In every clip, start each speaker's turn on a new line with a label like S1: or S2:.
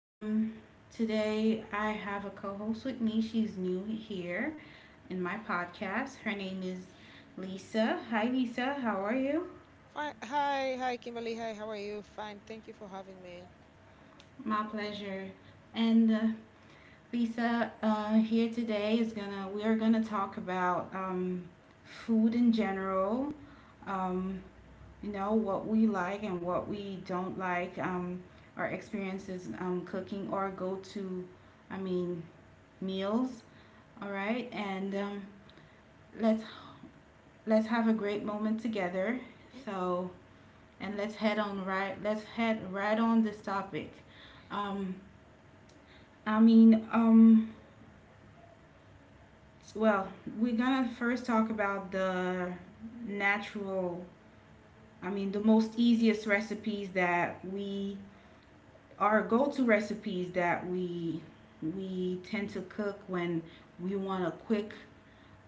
S1: Um, today I have a co host with me. She's new here in my podcast. Her name is Lisa. Hi, Lisa. How are you?
S2: Fine. Hi, Kimberly. Hi, how are you? Fine. Thank you for having me.
S1: My pleasure. And Lisa, here today we are gonna talk about food in general. Um, you know what we like and what we don't like our experiences cooking or go to I mean meals, all right. and let's let's have a great moment together. So and let's head on right let's head right on this topic. um, i mean um, well we're gonna first talk about the natural I mean the most easiest recipes that we our go-to recipes that we tend to cook when we want a quick,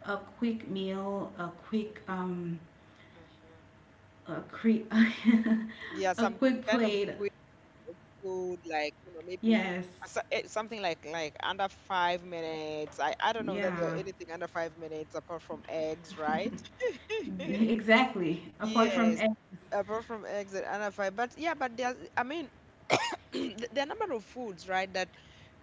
S1: a quick
S2: Mm-hmm.
S1: a cre-
S2: Yeah,
S1: a
S2: some
S1: quick
S2: kind of
S1: plate.
S2: quick food, like you know, maybe
S1: Yes.
S2: something like under 5 minutes. I don't know that there are
S1: Yeah.
S2: anything under 5 minutes apart from eggs, right?
S1: Exactly. Apart from
S2: Yes,
S1: egg.
S2: apart from eggs and under five. But yeah, but there's, I mean, there are a number of foods, right, that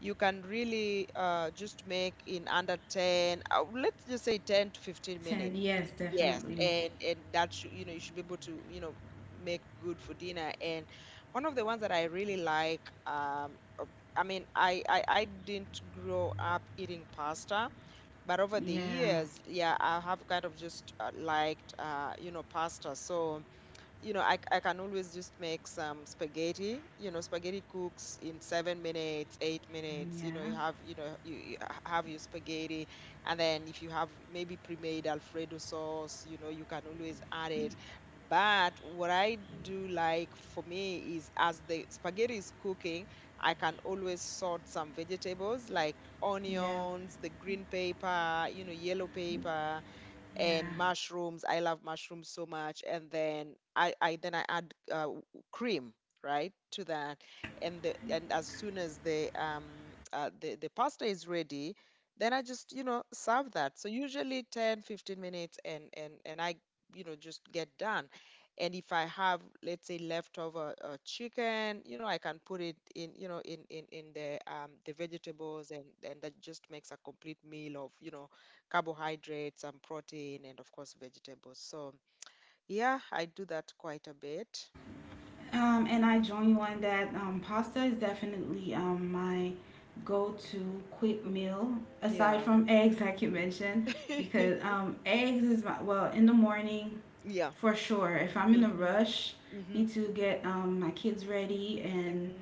S2: you can really just make in under 10, let's just say 10 to 15
S1: Ten,
S2: minutes.
S1: yes,
S2: Yes,
S1: definitely.
S2: and that should you should be able to make good for dinner. And one of the ones that I really like, um, of- I mean, I didn't grow up eating pasta, but over the
S1: Yeah.
S2: years, yeah, I have kind of just liked pasta. So you know, I can always just make some spaghetti. You know, spaghetti cooks in 7 minutes, 8 minutes. You know, you
S1: Yeah.
S2: have you know you, you h- have your spaghetti, and then if you have maybe pre-made Alfredo sauce, you can always add it. But what I do like for me is as the spaghetti is cooking, I can always sort some vegetables like
S1: Yeah.
S2: onions, the green paper, yellow paper and
S1: Yeah.
S2: mushrooms. I love mushrooms so much. And then I add cream right to that and and as soon as the pasta is ready, then I just serve that. So usually 10, 15 minutes and I just get done. And if I have, let's say, leftover chicken, I can put it in, the vegetables, and that just makes a complete meal of carbohydrates, and protein, and of course vegetables. So yeah, I do that quite a bit.
S1: And I join you on that. Pasta is definitely my go-to quick
S2: Hmm.
S1: meal aside
S2: Yeah.
S1: from eggs, like you mentioned, because eggs is my, well, in the morning
S2: Yeah.
S1: for sure. If I'm in a
S2: Mm-hmm.
S1: rush,
S2: Mm-hmm.
S1: need to get my kids ready, and
S2: Mm-hmm.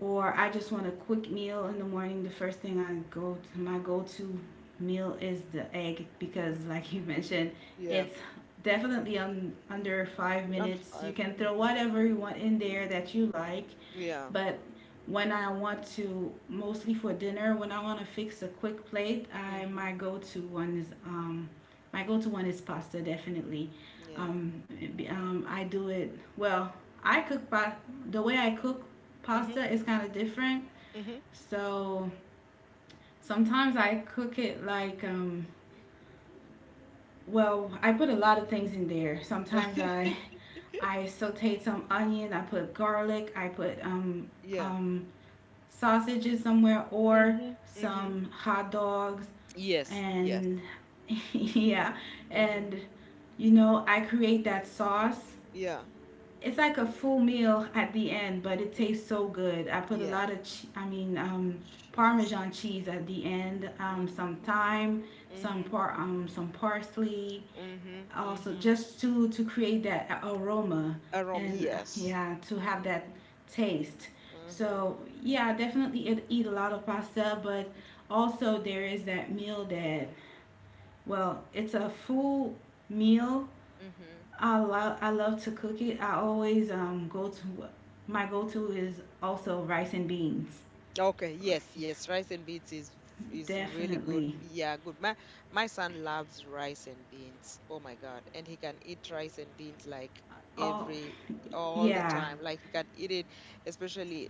S1: or I just want a quick meal in the morning, the first thing I go to, my go to meal is the egg because, like you mentioned,
S2: Yeah.
S1: it's definitely under five
S2: Under
S1: minutes. You
S2: five.
S1: can throw
S2: Mm-hmm.
S1: whatever you want in there that you like.
S2: Yeah.
S1: But when I want to, mostly for dinner, when I want to fix a quick plate, I
S2: Mm-hmm.
S1: my go-to one is my go-to one is pasta, definitely.
S2: Yeah.
S1: Um, I do it well. I cook pa- the way I cook
S2: Mm-hmm.
S1: pasta is kind of different. So sometimes I cook it like well, I put a lot of things in there. Sometimes
S2: Mm-hmm.
S1: I sauteed some onion. I put garlic. I put
S2: Yeah.
S1: um, sausages somewhere or
S2: Mm-hmm. Mm-hmm.
S1: some hot dogs
S2: Yes. Yes.
S1: and yeah,
S2: Mm-hmm.
S1: and you know, I create that sauce.
S2: Yeah.
S1: It's like a full meal at the end, but it
S2: Mm.
S1: tastes so good. I put a
S2: Yeah.
S1: lot of
S2: Jeez.
S1: parmesan cheese at the end, some
S2: Mm-hmm.
S1: thyme,
S2: Mm-hmm. Mm-hmm.
S1: some parsley,
S2: Mm-hmm.
S1: also
S2: Mm-hmm.
S1: just to create that aroma,
S2: Aroma.
S1: and
S2: Yes.
S1: yeah, to have that
S2: Mm-hmm.
S1: taste.
S2: Mm-hmm.
S1: So yeah, I definitely eat a lot of pasta, but also there is that meal that, well, it's a full meal,
S2: Mm-hmm.
S1: I love, I love to cook it. I always go to, my go-to is also rice and beans,
S2: Okay, yes, yes, rice and beans is really good.
S1: definitely.
S2: Yeah, good. My son loves rice and beans. Oh my God. And he can eat rice and beans like
S1: Oh
S2: every all the
S1: yeah,
S2: time. Like he can eat it, especially,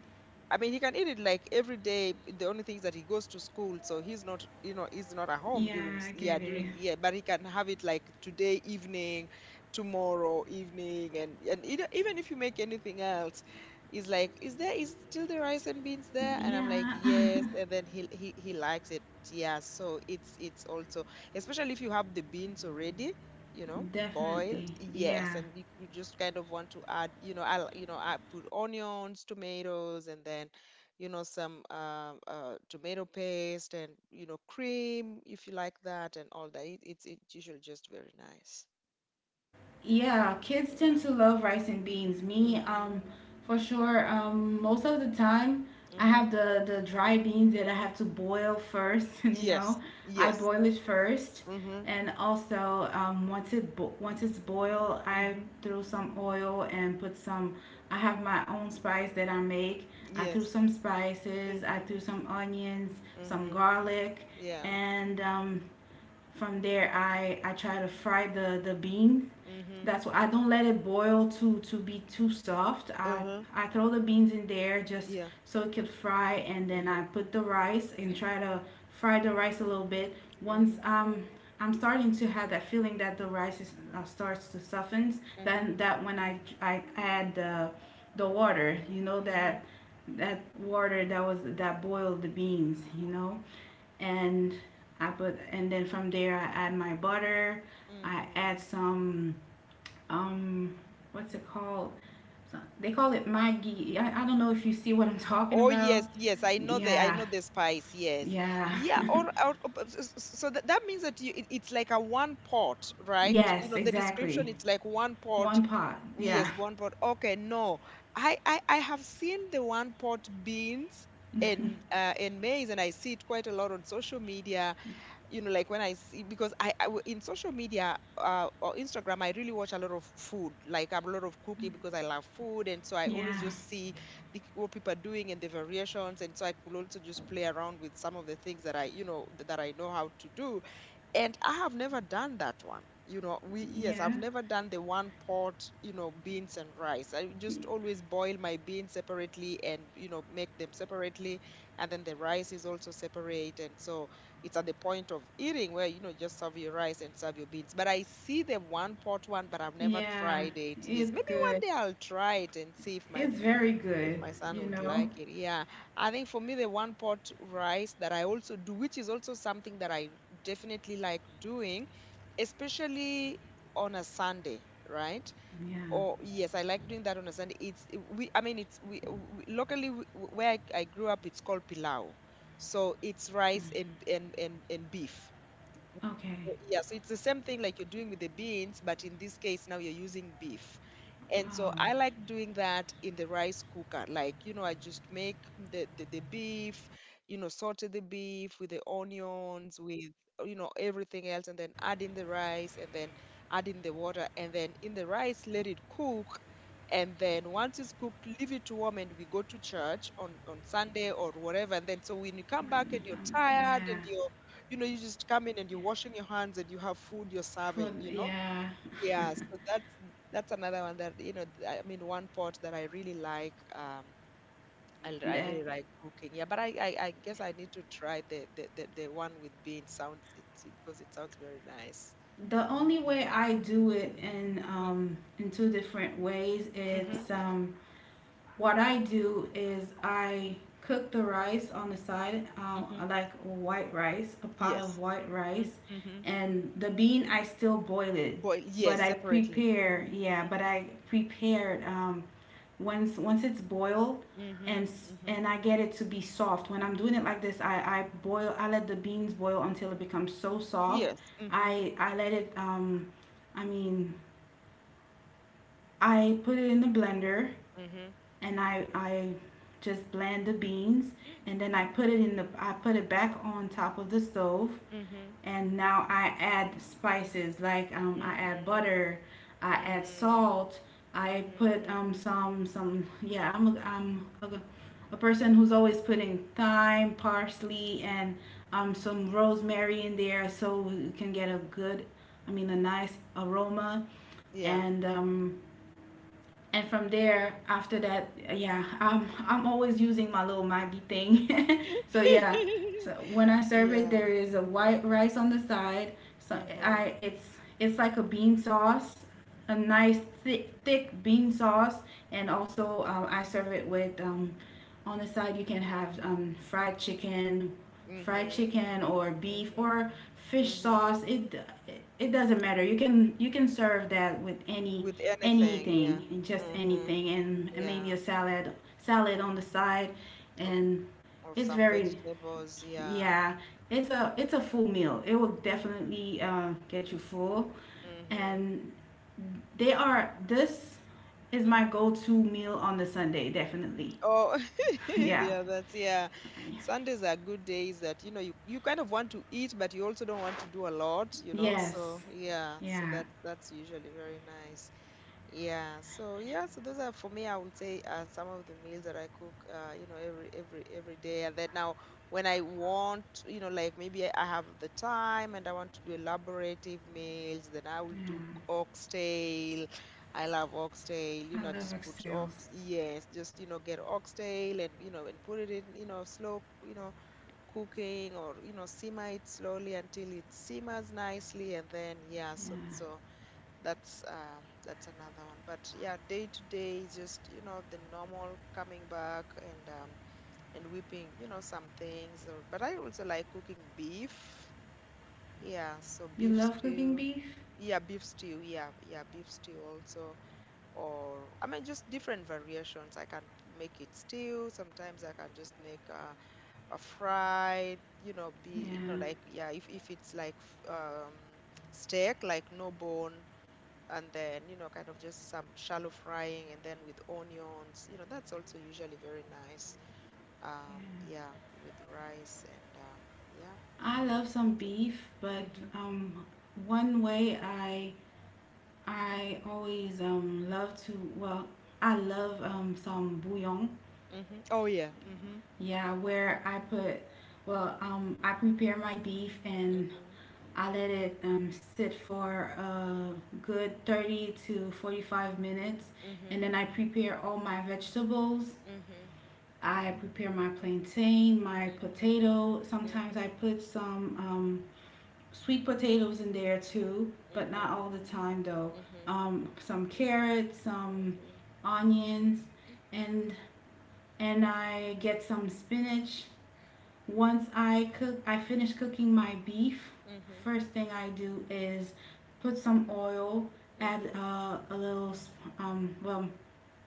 S2: I mean, he can eat it like every day. The only thing is that he goes to school, so he's not at home during,
S1: yeah, I
S2: yeah,
S1: get it.
S2: during, yeah. But he can have it like today evening, tomorrow evening, and even if you make anything else, he's like, is still the rice and beans there? And I'm like,
S1: Yeah.
S2: yes. And then he likes it, yeah. So it's also especially if you have the beans already, you know, boiled.
S1: Definitely,
S2: Yes,
S1: yeah.
S2: and you just kind of want to add, you know, I will you know, I put onions, tomatoes, and then, some tomato paste, and cream if you like that and all that. It's usually just very nice.
S1: Yeah, kids tend
S2: Yeah.
S1: to love rice and beans. Me,
S2: Mhm.
S1: for sure. Most of the time, I
S2: Mhm.
S1: have the dry beans that I have to boil first. You know,
S2: Yes.
S1: I
S2: Yes.
S1: boil it first,
S2: Mhm.
S1: and also once it bo- once it's boiled, I
S2: Mhm.
S1: throw some oil and put some. I have my own spice that I make. I threw
S2: Yes.
S1: some spices. I
S2: Mhm.
S1: threw some onions, some
S2: Mhm.
S1: garlic,
S2: Yeah.
S1: and from there, I try to fry the bean.
S2: Mhm.
S1: That's why I don't let it boil to be too soft.
S2: Uh-huh.
S1: I throw the beans in there just
S2: Yeah.
S1: so it could fry, and then I
S2: Mhm.
S1: put the rice and try to fry the rice a little bit. Once
S2: Mhm.
S1: I'm starting to have that feeling that the rice is, starts to soften,
S2: Mhm.
S1: then that when I add the water, you know, that
S2: Mhm.
S1: that water that was that boiled the beans, you know, and I put, and then from there I add my butter. I add
S2: Mhm.
S1: some um what's it called? They call it Maggi. I don't know if you see what I'm talking
S2: Oh
S1: about.
S2: yes, yes, I know the I
S1: Yeah.
S2: know the spice. Yes,
S1: Yeah.
S2: yeah. Or, oh, but so that means that it's like a one pot, right? You
S1: Yes,
S2: know the description.
S1: exactly.
S2: It's like one pot.
S1: One pot. Yeah.
S2: Yes, one pot. Okay, no, I have seen the one pot beans and maize, and I see it quite a lot on social media. You know, like when I see, because in social media, or Instagram, I really watch a lot of food, like a lot of cooking, because I love food. And so I always
S1: Yeah.
S2: just see what people are doing and the variations. And so I could also just play around with some of the things that I you know th- that I know how to do. And I have never done that one. You know, we yes,
S1: Yeah.
S2: I've never done the one pot, beans and rice. I just always boil my beans separately and, make them separately. And then the rice is also separate. And so it's at the point of eating where, just serve your rice and serve your beans. But I see the one pot one, but I've never
S1: Yeah.
S2: tried it. Yes,
S1: It's
S2: maybe one
S1: good.
S2: day I'll try it and see
S1: It's very
S2: if
S1: good,
S2: my son
S1: you
S2: would
S1: know.
S2: like it. Yeah. I think for me, the one pot rice that I also do, which is also something that I definitely like doing, especially on a Sunday, right?
S1: Yeah.
S2: Or yes, I like doing that on a Sunday. I mean, it's we locally where I grew up, it's called pilau. So it's rice and and beef.
S1: Okay.
S2: So, yeah, so it's the same thing like you're doing with the beans, but in this case now you're using beef. And so I
S1: Oh,
S2: like doing that in the rice cooker. Like, I just make the beef, you know, saute the beef with the onions, with, everything else, and then add in the rice and then add in the water. And then in the rice, let it cook. And then once it's cooked, leave it to warm, and we go to church on, Sunday or whatever. And then so when you come back
S1: when
S2: and
S1: I
S2: you're
S1: come.
S2: tired
S1: Yeah.
S2: and you just come in and you're washing your hands and you have food you're
S1: For
S2: serving, you know?
S1: yeah,
S2: Yeah, so that's another one that, I mean, one pot that I really like. I
S1: that,
S2: really like cooking. Yeah, but I guess I need to try the one with beans. Sounds because it sounds very nice.
S1: the only way I do it
S2: Mm-hmm.
S1: in two different ways. It's
S2: Mm-hmm.
S1: what I do is I cook the rice on the side,
S2: Mm-hmm.
S1: like white rice, a pot of
S2: Yes.
S1: white rice,
S2: Mm-hmm.
S1: and the bean I still boil it,
S2: Boil.
S1: but
S2: Yes,
S1: I
S2: separately.
S1: prepare,
S2: Mm-hmm.
S1: yeah, but
S2: Mm-hmm.
S1: I prepared once it's boiled,
S2: Mm-hmm.
S1: and
S2: Mm-hmm.
S1: and I get it to be soft. When I'm doing it like this, I boil, I let the beans boil until it becomes so soft.
S2: Yes. Mm-hmm.
S1: I let it I mean, I put it in the blender
S2: Mm-hmm.
S1: and I just blend the beans, and then I put it in the, I put it back on top of the stove,
S2: Mm-hmm.
S1: and now I add spices like I add
S2: Mm-hmm.
S1: butter, I add
S2: Mm-hmm.
S1: salt, I put
S2: Mm-hmm.
S1: some yeah, I'm a person who's always putting thyme, parsley, and some rosemary in there, so you can get a good, I mean a nice aroma,
S2: Yeah.
S1: and um and from there after that, yeah, I'm always using my little maggie thing so yeah, so when I serve it,
S2: Yeah.
S1: there is a white rice on the side. So
S2: Mm-hmm.
S1: I it's like a bean sauce, a nice thick bean sauce, and also I serve it with on the side you can have fried
S2: Mm-hmm.
S1: chicken or
S2: Mm-hmm.
S1: beef
S2: Mm-hmm.
S1: or fish
S2: Mm-hmm.
S1: sauce. It doesn't matter. You can serve that with
S2: With anything, yeah.
S1: anything and just
S2: Mm-hmm.
S1: anything, and
S2: Yeah.
S1: maybe a salad on the side,
S2: Or,
S1: and
S2: or
S1: it's
S2: some
S1: very,
S2: vegetables, yeah.
S1: yeah, it's a,
S2: Mm-hmm.
S1: it's a full meal. It will definitely get you full,
S2: Mm-hmm.
S1: and they are. This is my
S2: Mm-hmm.
S1: go-to meal on the Sunday. Definitely,
S2: Oh,
S1: yeah,
S2: yeah, that's yeah. Sundays are good days that, you kind of want to eat, but you also don't want to do a lot.
S1: yes,
S2: So yeah, so
S1: yeah,
S2: that's usually very nice. Yeah, so yeah, so those are for me, I would say some of the meals that I cook, every day. And then now when I want, like maybe I have the time and I want to do elaborative meals, then I will do
S1: yeah.
S2: oxtail. I love oxtail,
S1: I love
S2: just put
S1: oxtails.
S2: yes, just, get oxtail and, and put it in, slow, cooking or, simmer it slowly until it simmers nicely. And then, yeah, so
S1: Yeah,
S2: so that's another one. But yeah, day to day, is just the normal coming back and whipping, some things. Or but I also like cooking beef. Yeah, so
S1: you
S2: beef
S1: love cooking
S2: stew.
S1: beef.
S2: Yeah, beef stew. Yeah, yeah, beef stew also. Or I mean, just different variations. I can make it stew. Sometimes I can just make a fried. You know, be you know,
S1: Yeah,
S2: like, yeah, if it's like steak, like no bone, and then, kind of just some shallow frying and then with onions, that's also usually very nice.
S1: yeah.
S2: Yeah, with rice and yeah, and,
S1: I
S2: and
S1: love some
S2: that's it.
S1: beef, but
S2: Mm-hmm.
S1: um, one way I always love to, well, I love some bouillon,
S2: Mm-hmm. Oh yeah. Mm-hmm.
S1: yeah, where I put, well, I prepare my beef and
S2: Mm-hmm.
S1: I let it sit for a good 30 to 45 minutes.
S2: Mm-hmm.
S1: And then I prepare all my vegetables. I prepare my plantain, my
S2: Mm-hmm.
S1: potato. Sometimes
S2: Mm-hmm.
S1: I put some sweet potatoes in there too, but not
S2: Mm-hmm.
S1: all the time though.
S2: Mm-hmm.
S1: Some carrots, some
S2: Mm-hmm. Mm-hmm.
S1: onions, and and I get some spinach. Once I cook, I finish cooking my beef.
S2: Mm-hmm.
S1: First thing I do is put some oil, add
S2: Mm-hmm.
S1: a little well,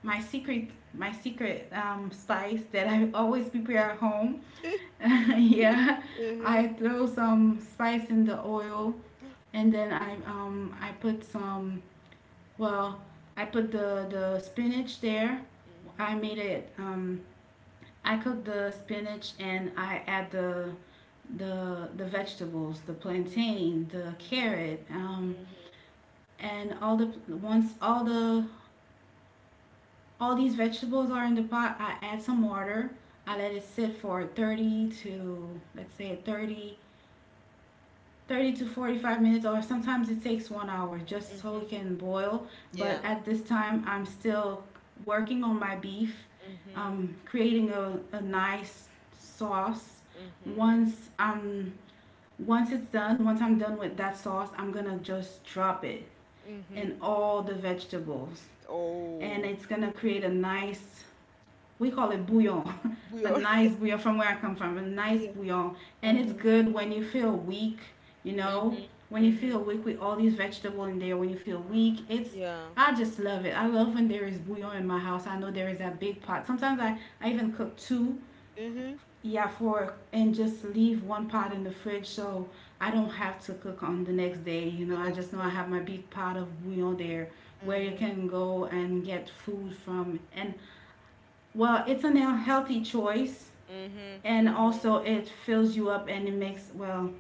S1: my secret spice that I always prepare at home yeah, I
S2: Mhm,
S1: throw some spice in the oil, and then I put some, well, I put the spinach there. I made it I cook the spinach and I add the the vegetables, the plantain, the
S2: mhm,
S1: carrot,
S2: mhm, mhm,
S1: and all the, once all the, all these vegetables are in the pot, I add some water. I let it sit for 30, to let's say 30 to 45 minutes, or sometimes it takes 1 hour, just so it
S2: mhm.
S1: can boil, but
S2: Yeah.
S1: at this time I'm still working on my beef,
S2: Mhm,
S1: creating a nice sauce.
S2: mhm,
S1: once i'm once it's done, once I'm done with that sauce, I'm gonna just drop it in
S2: mhm.
S1: all the vegetables, and
S2: Oh,
S1: it's gonna create a nice, we call it bouillon,
S2: we
S1: a
S2: are
S1: nice bouillon from where I come from, a nice
S2: yeah.
S1: bouillon. And it's
S2: Mhm.
S1: good when you feel weak, you know,
S2: Mhm.
S1: when you
S2: Mhm.
S1: feel weak with all these vegetables in there, when you feel weak, it's,
S2: Yeah.
S1: I just love it. I love when there is bouillon in my house. I know there is that big pot. Sometimes I even cook two,
S2: Mhm.
S1: yeah, four, and just leave one pot in the fridge so I don't have to cook on the next day. You
S2: The
S1: know, I
S2: next
S1: just know I
S2: day.
S1: have my big pot of bouillon there where you
S2: Mhm.
S1: can go and get food from. And well, it's a healthy choice,
S2: Mhm.
S1: and
S2: Mhm.
S1: also it fills you up and it makes, well,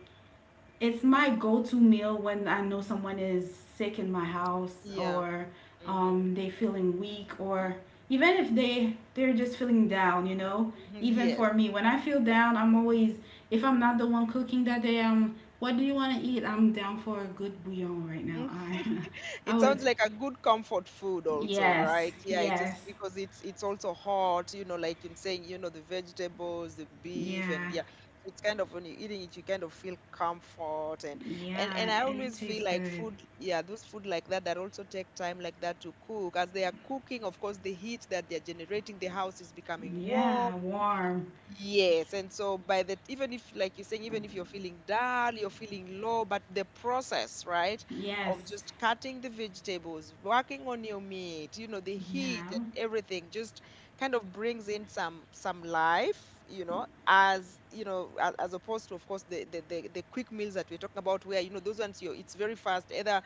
S1: it's my go to meal when I know someone is sick in my house
S2: Yeah.
S1: or
S2: Mhm.
S1: they feeling weak, or even if they're just feeling down, you know,
S2: Mhm.
S1: even
S2: Yes.
S1: for me when I feel down, I'm always, if I'm not the one cooking that day, um, what do you want to eat, I'm down for a good bouillon right now.
S2: Mm.
S1: I I
S2: It
S1: would,
S2: sounds like a good comfort food also,
S1: yes,
S2: right? Yeah, it just
S1: yes,
S2: because it's also hot, like you're saying, the vegetables, the beef, and
S1: yeah.
S2: yeah. So it's kind of when you're eating it, you kind of feel comfort. And and
S1: Yeah,
S2: and I
S1: and it
S2: always
S1: tastes
S2: feel like
S1: good.
S2: food, yeah, those food like that also take time like that to cook. As they are cooking, of course, the heat that they're generating, the house is becoming warm.
S1: Yeah, warm.
S2: Yes, and so by the even if like you're saying, even if you're feeling dull, you're feeling low, but the process, right,
S1: Yes.
S2: of just cutting the vegetables, working on your meat, you know, the heat
S1: Yeah.
S2: and everything just kind of brings in some life, you know, as opposed to, of course, the quick meals that we're talking about where, you know, those ones you it's very fast, either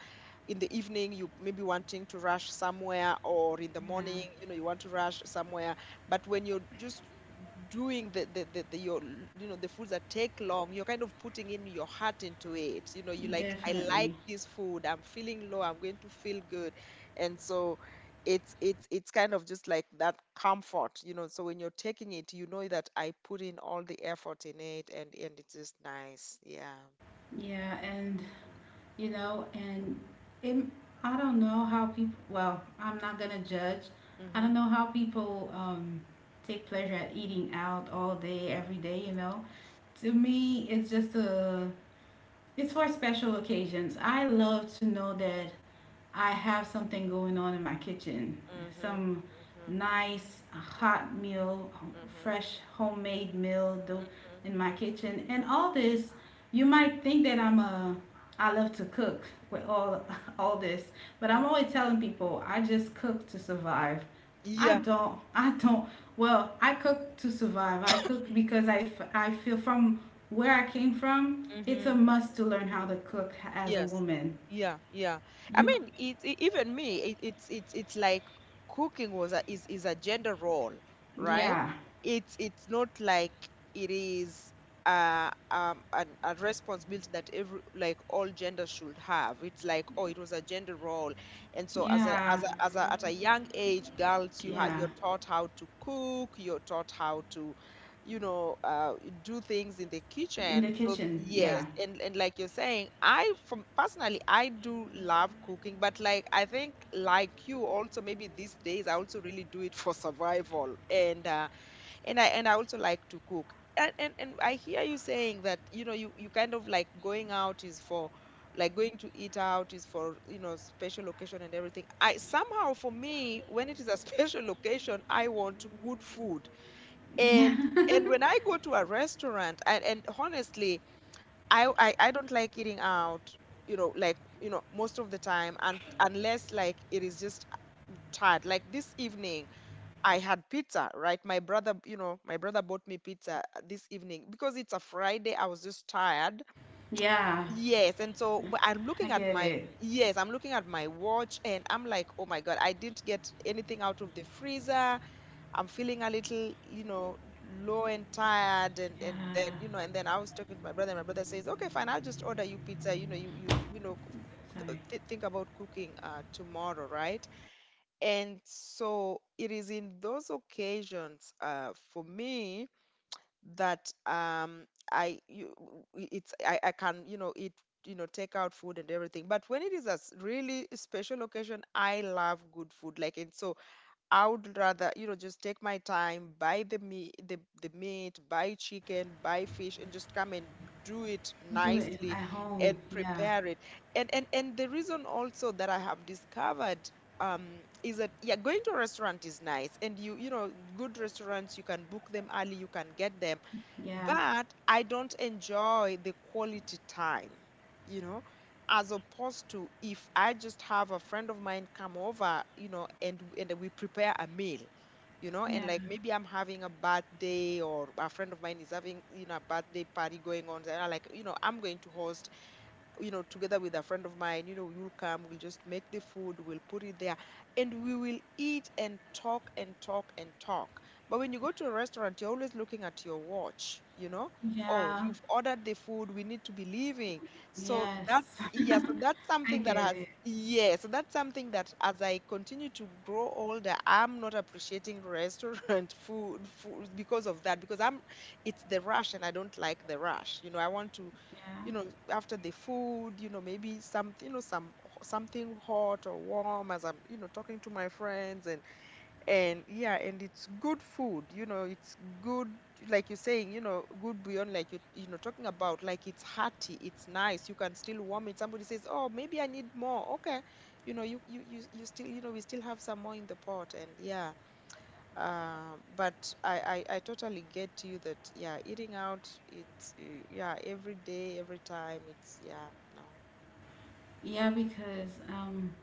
S2: in the evening you maybe wanting to rush somewhere or in the
S1: Yeah.
S2: morning, you know, you want to rush somewhere. But when you're just doing the foods that take long, you're kind of putting in your heart into it you know you like I like
S1: Definitely.
S2: this food, I'm feeling low, I'm going to feel good. And so it's kind of just like that comfort, you know. So when you're taking it, you know that I put in all the effort in it, and it's just nice, yeah.
S1: Yeah, and you know, and it, I don't know how people, well, I'm not gonna judge.
S2: Mm-hmm.
S1: I
S2: Mm-hmm.
S1: don't know how people take pleasure at eating out all day every day, you know. To me, it's just a, it's for special occasions. I love to know that I have something going on in my kitchen.
S2: Mm-hmm.
S1: Some nice hot
S2: Mm-hmm.
S1: meal,
S2: Mm-hmm.
S1: fresh homemade meal in my
S2: Mm-hmm.
S1: kitchen. And all this, you might think that I love to cook with all all this, but
S2: Mm-hmm.
S1: I'm
S2: Mm-hmm.
S1: always telling people I just cook to survive. I
S2: Yeah.
S1: don't. I don't. Well, I cook to survive. I cook because I feel from where I came from, it's a must to learn how to cook as a
S2: Yes.
S1: woman.
S2: Yeah, yeah. I
S1: You
S2: mean, even me, it, it's like cooking was a is a gender role, right?
S1: Yeah,
S2: It's not like it is a responsibility that every, like, all genders should have. It's like, oh, it was a gender role, and so as a
S1: yeah,
S2: as a as a at a young age, girls,
S1: yeah.
S2: you're taught how to cook, you're taught how to, you know, uh, do things in the
S1: In the
S2: kitchen. So
S1: kitchen.
S2: yes,
S1: Yeah.
S2: and like you're saying, I from personally, I do love cooking, but, like, I think, like, you also, maybe these days I also really do it for survival, and and I also like to cook. And I hear you saying that, you know, you kind of, like, going out is for, like, going to eat out is for, you know, special occasion and everything. I somehow, for me, when it is a special occasion, I want good food,
S1: Yeah.
S2: and and when I go to a restaurant, and honestly, I don't like eating out, you know, like, you know, most of the time, and unless, like, it is just tired, like this evening, I had pizza, right? My brother, bought me pizza this evening, because it's a Friday, I was just tired.
S1: Yeah.
S2: Yes, and so wh- I'm
S1: I
S2: looking at
S1: get
S2: my
S1: it.
S2: yes, I'm looking at my watch and I'm like, oh my God, I didn't get anything out of the freezer. I'm feeling a little, you know, low and tired, and and
S1: Yeah.
S2: then, you know, and then I was talking to my brother and my brother says, "Okay, fine, I'll just order you pizza. You know, you know, c- c-
S1: Sorry.
S2: th think about cooking tomorrow, right?" And so it is in those occasions for me that I you w- it's I can, you know, eat, you know, take out food and everything, but when it is a really special occasion, I love good food, like, and so I would rather, you know, just take my time, buy the meat, buy chicken, buy fish, and just come and do it
S1: Do it
S2: nicely
S1: at home.
S2: and
S1: Yeah.
S2: prepare it. And the reason also that I have discovered, um is that, yeah, going to a restaurant is nice, and you know, good restaurants you can book them early, you can get them,
S1: Yeah.
S2: but I don't enjoy the quality time, you know, as opposed to if I just have a friend of mine come over, you know, and we prepare a meal, you know, and like
S1: Yeah.
S2: maybe I'm having a birthday or a friend of mine is having, you know, a birthday party going on, and I, like, you know, I'm going to host, you know, together with a friend of mine, you know, you'll come, we'll just make the food, we'll put it there, and we will eat and talk and talk and talk. But when you go to a restaurant, you're always looking at your watch, you know. Oh,
S1: Yeah.
S2: you've ordered the food, we need to be leaving. So that's,
S1: Yes.
S2: yeah, so that's
S1: I
S2: something that
S1: get
S2: has,
S1: it.
S2: yeah, so that's something that, as I continue to grow older, I'm not appreciating restaurant food, because of that, because I'm, it's the rush and I don't like the rush. You know, I want to,
S1: Yeah.
S2: you know, after the food, you know, maybe some, you know, some something hot or warm, as I'm, you know, talking to my friends, and yeah, and it's good food, you know, it's good, like you're saying, you know, good, beyond, like, you know, talking about, like, it's hearty, it's nice, you can still warm it. Somebody says, oh, maybe I need more. Okay, you know, you still, you know, we still have some more in the pot, and yeah. But I totally get you that, yeah, eating out, it's, yeah, every day, every time, it's, yeah, no.
S1: Yeah, because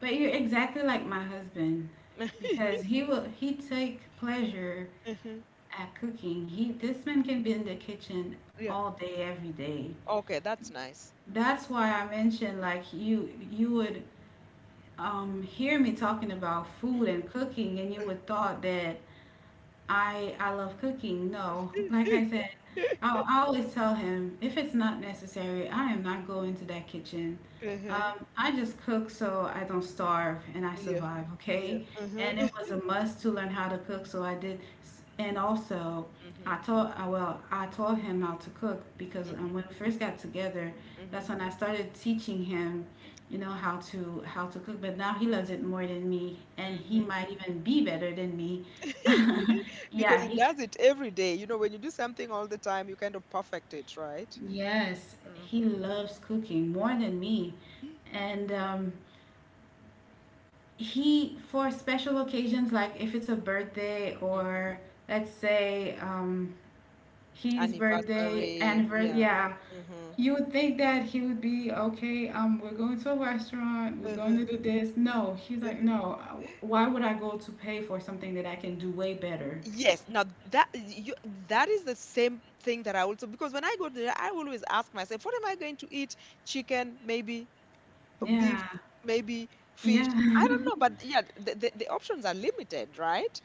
S1: but you're exactly like my husband because he take pleasure
S2: Mhm.
S1: at cooking. He This man can be in the kitchen
S2: Yeah.
S1: all day every day.
S2: Okay, that's nice.
S1: That's why I mentioned, like, you would hear me talking about food and cooking, and you would thought that I love cooking. No, like I said, I always tell him if it's not necessary, I am not going to that kitchen.
S2: Uh-huh.
S1: I just cook so I don't starve and I
S2: Yeah.
S1: survive.
S2: Yeah.
S1: Okay,
S2: Uh-huh.
S1: and it was a must to learn how to cook, so I did. And also, I
S2: Mm-hmm.
S1: taught well, I taught him how to cook because
S2: Mm-hmm.
S1: when we first got together, that's
S2: Mm-hmm.
S1: when I started teaching him. You know how to cook, but now he loves it more than me, and he might even be better than me.
S2: Because
S1: Yeah,
S2: it does it every day. You know, when you do something all the time, you kind of perfect it, right?
S1: yes, he
S2: Mm-hmm.
S1: loves cooking more than me. And he, for special occasions, like if it's a birthday
S2: Mm-hmm.
S1: or let's say his birthday,
S2: Anniversary.
S1: anniversary,
S2: Yeah.
S1: yeah,
S2: Mm-hmm.
S1: you would think that he would be okay. We're going to a restaurant, we're going to
S2: Uh-huh.
S1: do this. No, he's like, no, why would I go to pay for something that I can do way better?
S2: Yes. Now that you, that is the same thing that I also, because when I go there, I always ask myself, what am I going to eat? Chicken, maybe beef,
S1: Yeah,
S2: maybe fish. I don't
S1: yeah,
S2: know, but yeah, the options are limited, right?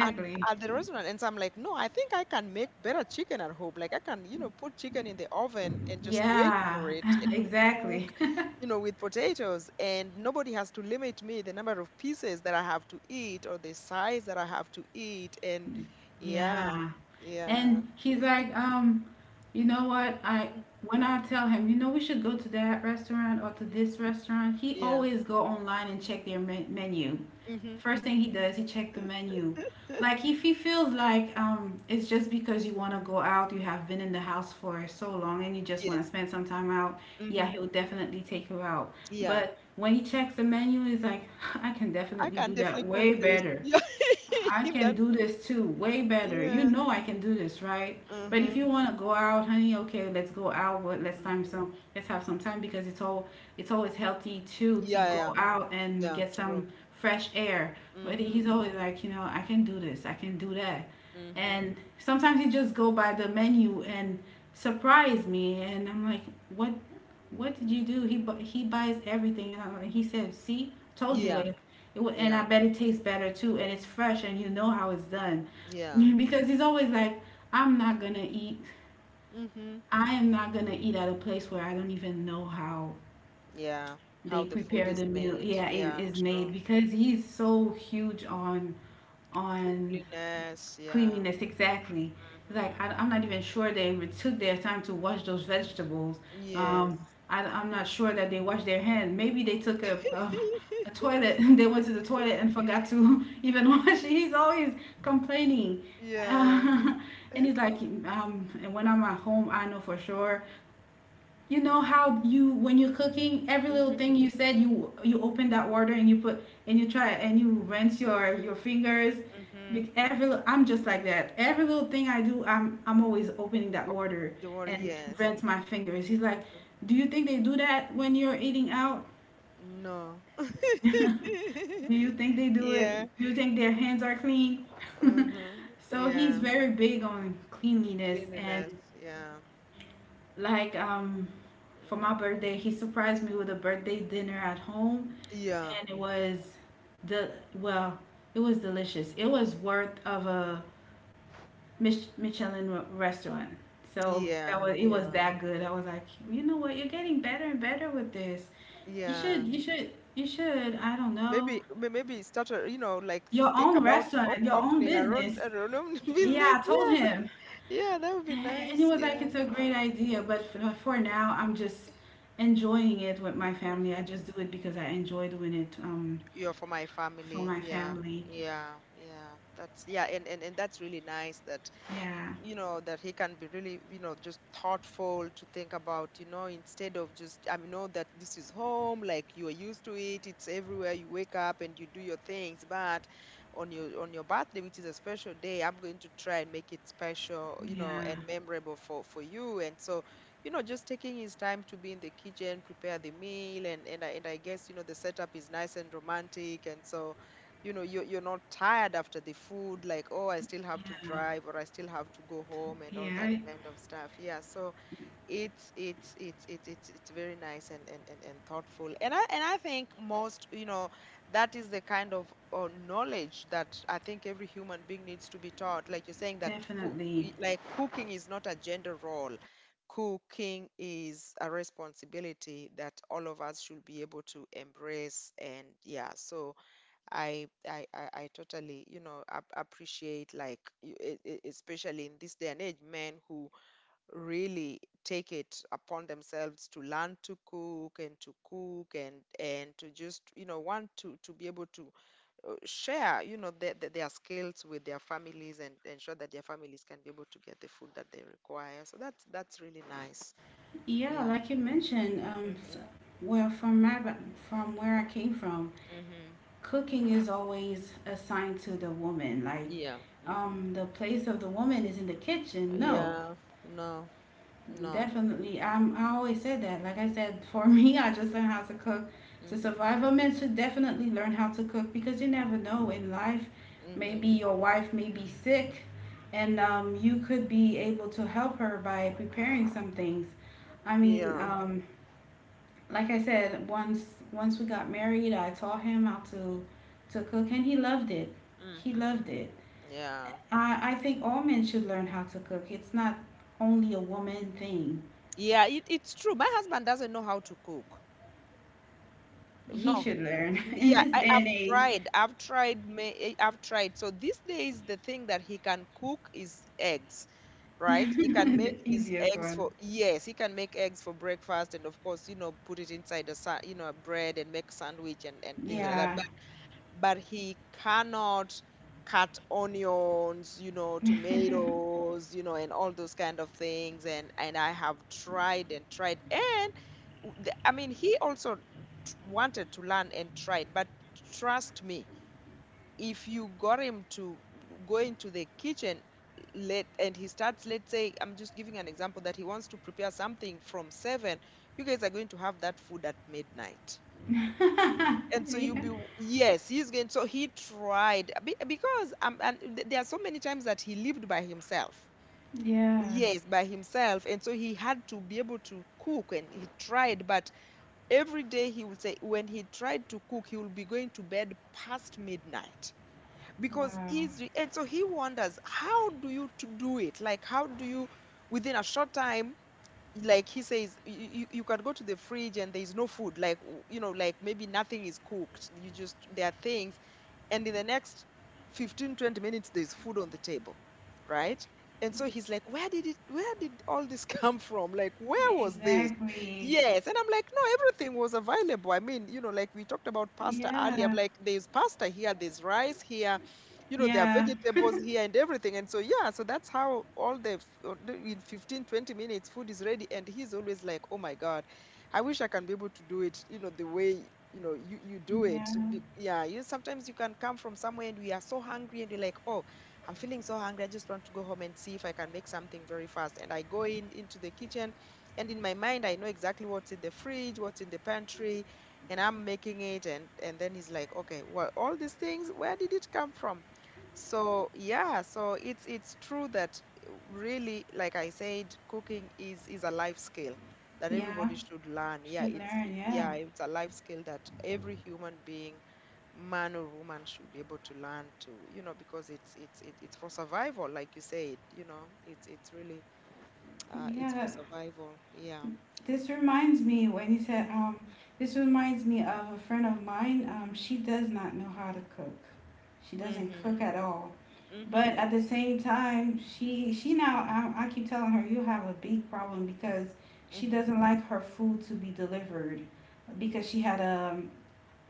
S2: at,
S1: exactly.
S2: at the restaurant, and so I'm like, no, I think I can make better chicken at home. Like, I can, you know, put chicken in the oven and just wait
S1: Yeah,
S2: for it to cook,
S1: exactly.
S2: you know, with potatoes, and nobody has to limit me the number of pieces that I have to eat or the size that I have to eat, and yeah,
S1: Yeah.
S2: yeah,
S1: And he's like, you know what? I When I tell him, you know, we should go to that restaurant or to this restaurant, he
S2: yeah.
S1: always go online and check their menu.
S2: Mm-hmm,
S1: First
S2: mm-hmm.
S1: thing he does, he check the menu. Like if he feels like it's just because you want to go out, you have been in the house for so long and you just want to
S2: Yes.
S1: spend some time out,
S2: Mm-hmm.
S1: yeah, he'll definitely take you out.
S2: Yeah,
S1: But when he checks the menu, he's like, I can
S2: I
S1: definitely
S2: can
S1: do
S2: definitely
S1: that
S2: cook
S1: way
S2: this.
S1: better.
S2: Yeah.
S1: I can
S2: That's,
S1: do this too, way better. You
S2: yeah.
S1: know I can do this, right? But
S2: Mm-hmm,
S1: if you want to go out, honey, okay, let's go out. What? Let's time
S2: mm-hmm.
S1: some. Let's have some time because it's always healthy too to
S2: Yeah, yeah,
S1: go
S2: yeah.
S1: out and
S2: Yeah,
S1: get
S2: true.
S1: some fresh air. But
S2: Mhm.
S1: he's always like, you know, I can do this, I can do that,
S2: Mm-hmm.
S1: and sometimes he just go by the menu and surprise me, and I'm like, what? What did you do? He buys everything, and I'm like, he said, see, told you,
S2: Yeah,
S1: like, and
S2: yeah,
S1: I bet it tastes better too, and it's fresh, and you know how it's done.
S2: yeah.
S1: Because he's always like, I'm not gonna eat.
S2: Mm-hmm.
S1: I am not gonna eat at a place where I don't even know how
S2: Yeah. How
S1: they
S2: the food
S1: prepare
S2: is
S1: the meal.
S2: made.
S1: Yeah, it
S2: Yeah,
S1: is
S2: true.
S1: made because he's so huge on
S2: Cleanliness. Yeah.
S1: cleanliness, exactly. Like,
S2: Mm-hmm.
S1: I am not even sure they took their time to wash those vegetables. Um,
S2: Yes.
S1: I am not sure that they washed their hand. Maybe they took a toilet. They went to the toilet and forgot to even wash. He's always complaining,
S2: Yeah.
S1: uh, and he's like, and when I'm at home, I know for sure, you know, how you, when you're cooking, every little
S2: Mm-hmm.
S1: thing you said, you open that water and you put and you try and you rinse your fingers.
S2: Mm-hmm.
S1: I'm just like that. Every little thing I do, I'm always opening that
S2: Open
S1: water
S2: the water.
S1: and
S2: Yes.
S1: rinse my fingers. He's like,
S2: Mm-hmm.
S1: do you think they do that when you're eating out?
S2: No.
S1: Do you think they do it?
S2: Yeah.
S1: Do you think their hands are clean?
S2: Mm-hmm.
S1: So he's
S2: Yeah.
S1: very big on cleanliness. And
S2: Cleanliness. Yeah.
S1: Like, for my
S2: Mm.
S1: birthday, he surprised me with a birthday dinner at home,
S2: Yeah.
S1: and it was the well, it was delicious. It was worth of a Michelin restaurant. So
S2: Yeah.
S1: that was it was
S2: Yeah.
S1: that good. I was like, you know what? You're getting better and better with this. You
S2: Yeah.
S1: should, you should, you should. I don't know,
S2: Maybe maybe start a, you know, like to
S1: your
S2: think
S1: own
S2: about
S1: restaurant, your own
S2: opening
S1: business.
S2: our own
S1: Yeah,
S2: business.
S1: I told
S2: Yeah,
S1: him.
S2: yeah, that would be
S1: And it
S2: nice.
S1: was like,
S2: Yeah.
S1: it's a great idea, but for now, I'm just enjoying it with my family. I
S2: Hmm.
S1: just do it because I enjoy doing it,
S2: Are for my
S1: for
S2: family.
S1: my
S2: Yeah,
S1: family.
S2: yeah, yeah. That's, yeah, and and that's really nice, that,
S1: Yeah,
S2: you know, that he can be really, you know, just thoughtful to think about, you know, instead of just, I know that this is home, like, you are used to it, it's everywhere, you wake up and you do your things, but on your, on your birthday, which is a special day, I'm going to try and make it special, you know,
S1: yeah,
S2: and memorable for you. And so, you know, just taking his time to be in the kitchen, prepare the meal, and I guess, you know, the setup is nice and romantic, and so, you know, you're not tired after the food, like, oh, I still have to
S1: yeah,
S2: drive or I still have to go home and all
S1: yeah,
S2: that kind of stuff, yeah. So it's very nice, and thoughtful, and I, and I think most, you know, that is the kind of knowledge that I think every human being needs to be taught, like you're saying, that food,
S1: definitely.
S2: like, cooking is not a gender role. Cooking is a responsibility that all of us should be able to embrace, and yeah. So I totally, you know, appreciate, like, you-, especially in this day and age, men who really take it upon themselves to learn to cook and to cook and to just, you know, want to be able to, share, you know, their skills with their families, and ensure that their families can be able to get the food that they require. So that's really nice.
S1: Yeah,
S2: Yeah.
S1: like you mentioned, s
S2: Hmm.
S1: well, from where I came from,
S2: Hmm.
S1: cooking is always assigned to the woman. Like,
S2: Yeah. Hmm.
S1: the place of the woman is in the kitchen. No.
S2: Yeah. No. No.
S1: Definitely. I always said that. Like I said, for me, I just learned how to cook to
S2: Hmm.
S1: survive. I'm meant to definitely learn how to cook because you never know in life. Maybe
S2: Hmm.
S1: your wife may be sick and, you could be able to help her by preparing some things. I mean,
S2: Yeah.
S1: like I said, once we got married, I taught him how to cook and he loved it. He
S2: Mm-hmm.
S1: loved it.
S2: Yeah.
S1: I think all men should learn how to cook. It's not only a woman thing.
S2: Yeah, it, it's true. My husband doesn't know how to cook.
S1: He
S2: No.
S1: should learn. In
S2: Yeah,
S1: this
S2: I,
S1: day
S2: I've
S1: and age,
S2: tried. I've tried. I've tried. So these days, the thing that he can cook is eggs, right? He can make
S1: the
S2: his
S1: easiest
S2: eggs
S1: one.
S2: for, yes, he can make eggs for breakfast, and of course, you know, put it inside a, you know, a bread and make sandwich, and things like that.
S1: Yeah.
S2: But he cannot cut onions, you know,
S1: Yeah.
S2: tomatoes, you know, and all those kind of things. And I have tried and tried, and I mean, he also wanted to learn and tried. But trust me, if you got him to go into the kitchen, let and he starts, let's say, I'm just giving an example that he wants to prepare something from seven, you guys are going to have that food at midnight. And so you'll be, yes, he's going, so he tried there are so many times that he lived by himself,
S1: Yeah.
S2: yes, by himself, and so he had to be able to cook and he tried. But every day he would say, when he tried to cook, he will be going to bed past midnight because
S1: Wow.
S2: he's, and so he wonders, how do you to do it? Like how do you within a short time, like he says, you can go to the fridge and there's no food, like you know, like maybe nothing is cooked, you just there are things, and in the next 15 20 minutes there's food on the table, right? And so he's like, where did it, where did all this come from, like where was this?
S1: Exactly.
S2: Yes. And I'm like, no, everything was available. I mean, you know, like we talked about pasta earlier. I'm
S1: Yeah.
S2: like, there's pasta here, there's rice here, you know, there are
S1: Yeah.
S2: vegetables here and everything. And so yeah, so that's how all the in 15 20 minutes food is ready, and he's always like, oh my god, I wish I can be able to do it, you know, the way you do it.
S1: Yeah.
S2: Yeah, you sometimes you can come from somewhere and we are so hungry and you're like, oh, I'm feeling so hungry. I just want to go home and see if I can make something very fast. And I go in into the kitchen, and in my mind, I know exactly what's in the fridge, what's in the pantry, and I'm making it. And then he's like, okay, well, all these things, where did it come from? So yeah, so it's true that really, like I said, cooking is a life skill that
S1: Yeah.
S2: everybody should learn. Yeah,
S1: Should
S2: it's,
S1: learn. Yeah.
S2: yeah, it's a life skill that every human being, man or woman, should be able to learn to, you know, because it's for survival, like you said, you know, it's really it's for
S1: Yeah.
S2: survival. Yeah.
S1: This reminds me when you said,
S2: Mhm.
S1: um, this reminds me of a friend of mine. She does not know how to cook. She
S2: Mhm.
S1: doesn't cook at all.
S2: Mhm.
S1: But at the same time, she now I keep telling her, you have a big problem because she
S2: Mhm.
S1: doesn't like her food to be delivered because she had a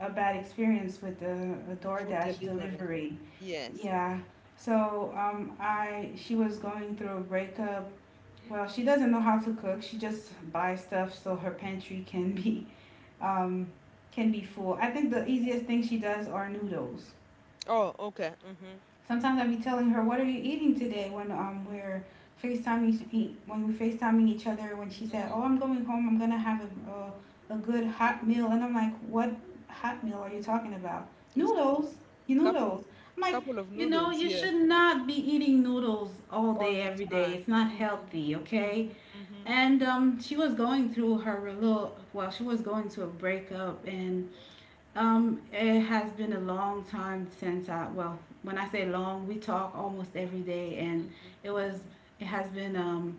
S1: bad experience with the a
S2: Food
S1: DoorDash
S2: delivery.
S1: delivery.
S2: Yes.
S1: Yeah. So I she was going through a breakup. Well, she doesn't know how to cook. She just buys stuff so her pantry can be, um can be full. I think the easiest thing she does are noodles.
S2: Oh, okay. Mhm.
S1: Sometimes I be telling her, "What are you eating today?" When we're FaceTiming when we FaceTiming each other, when she said,
S2: Mhm.
S1: "Oh, I'm going home. I'm gonna have a a good hot meal," and I'm like, "What hot meal are you talking about?
S2: He's talking,
S1: Noodles? You
S2: couple
S1: noodles?" I'm like,
S2: couple of
S1: "You know,
S2: noodles,
S1: you
S2: yeah,
S1: should not be eating noodles all
S2: all
S1: day
S2: the
S1: every day.
S2: time.
S1: It's not
S2: Mhm.
S1: healthy, okay?"
S2: Mhm. Mhm.
S1: And she was going through her little well, she was going to a breakup and, it has been a long time since well, when I say long, we talk almost every day, and
S2: Mhm.
S1: it was, it has been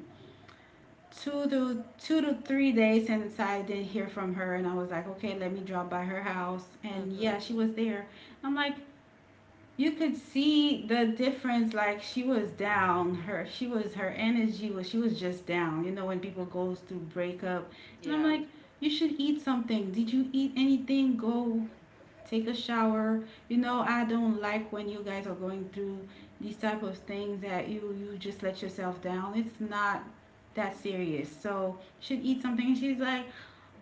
S1: two to three days since I didn't hear from her, and I was like, okay, let me drop by her house, and yeah,
S2: Mhm.
S1: she was there. I'm like, you could see the difference. Like, she was down. She was, her energy was she was just down. You know when people
S2: Mhm.
S1: goes through breakup, and I'm
S2: Yeah.
S1: like, you should eat something. Did you eat anything? Go take a shower. You know, I don't like when you guys are going through these type of things that you just let yourself down. It's not that serious. So she'd eat something and she's like,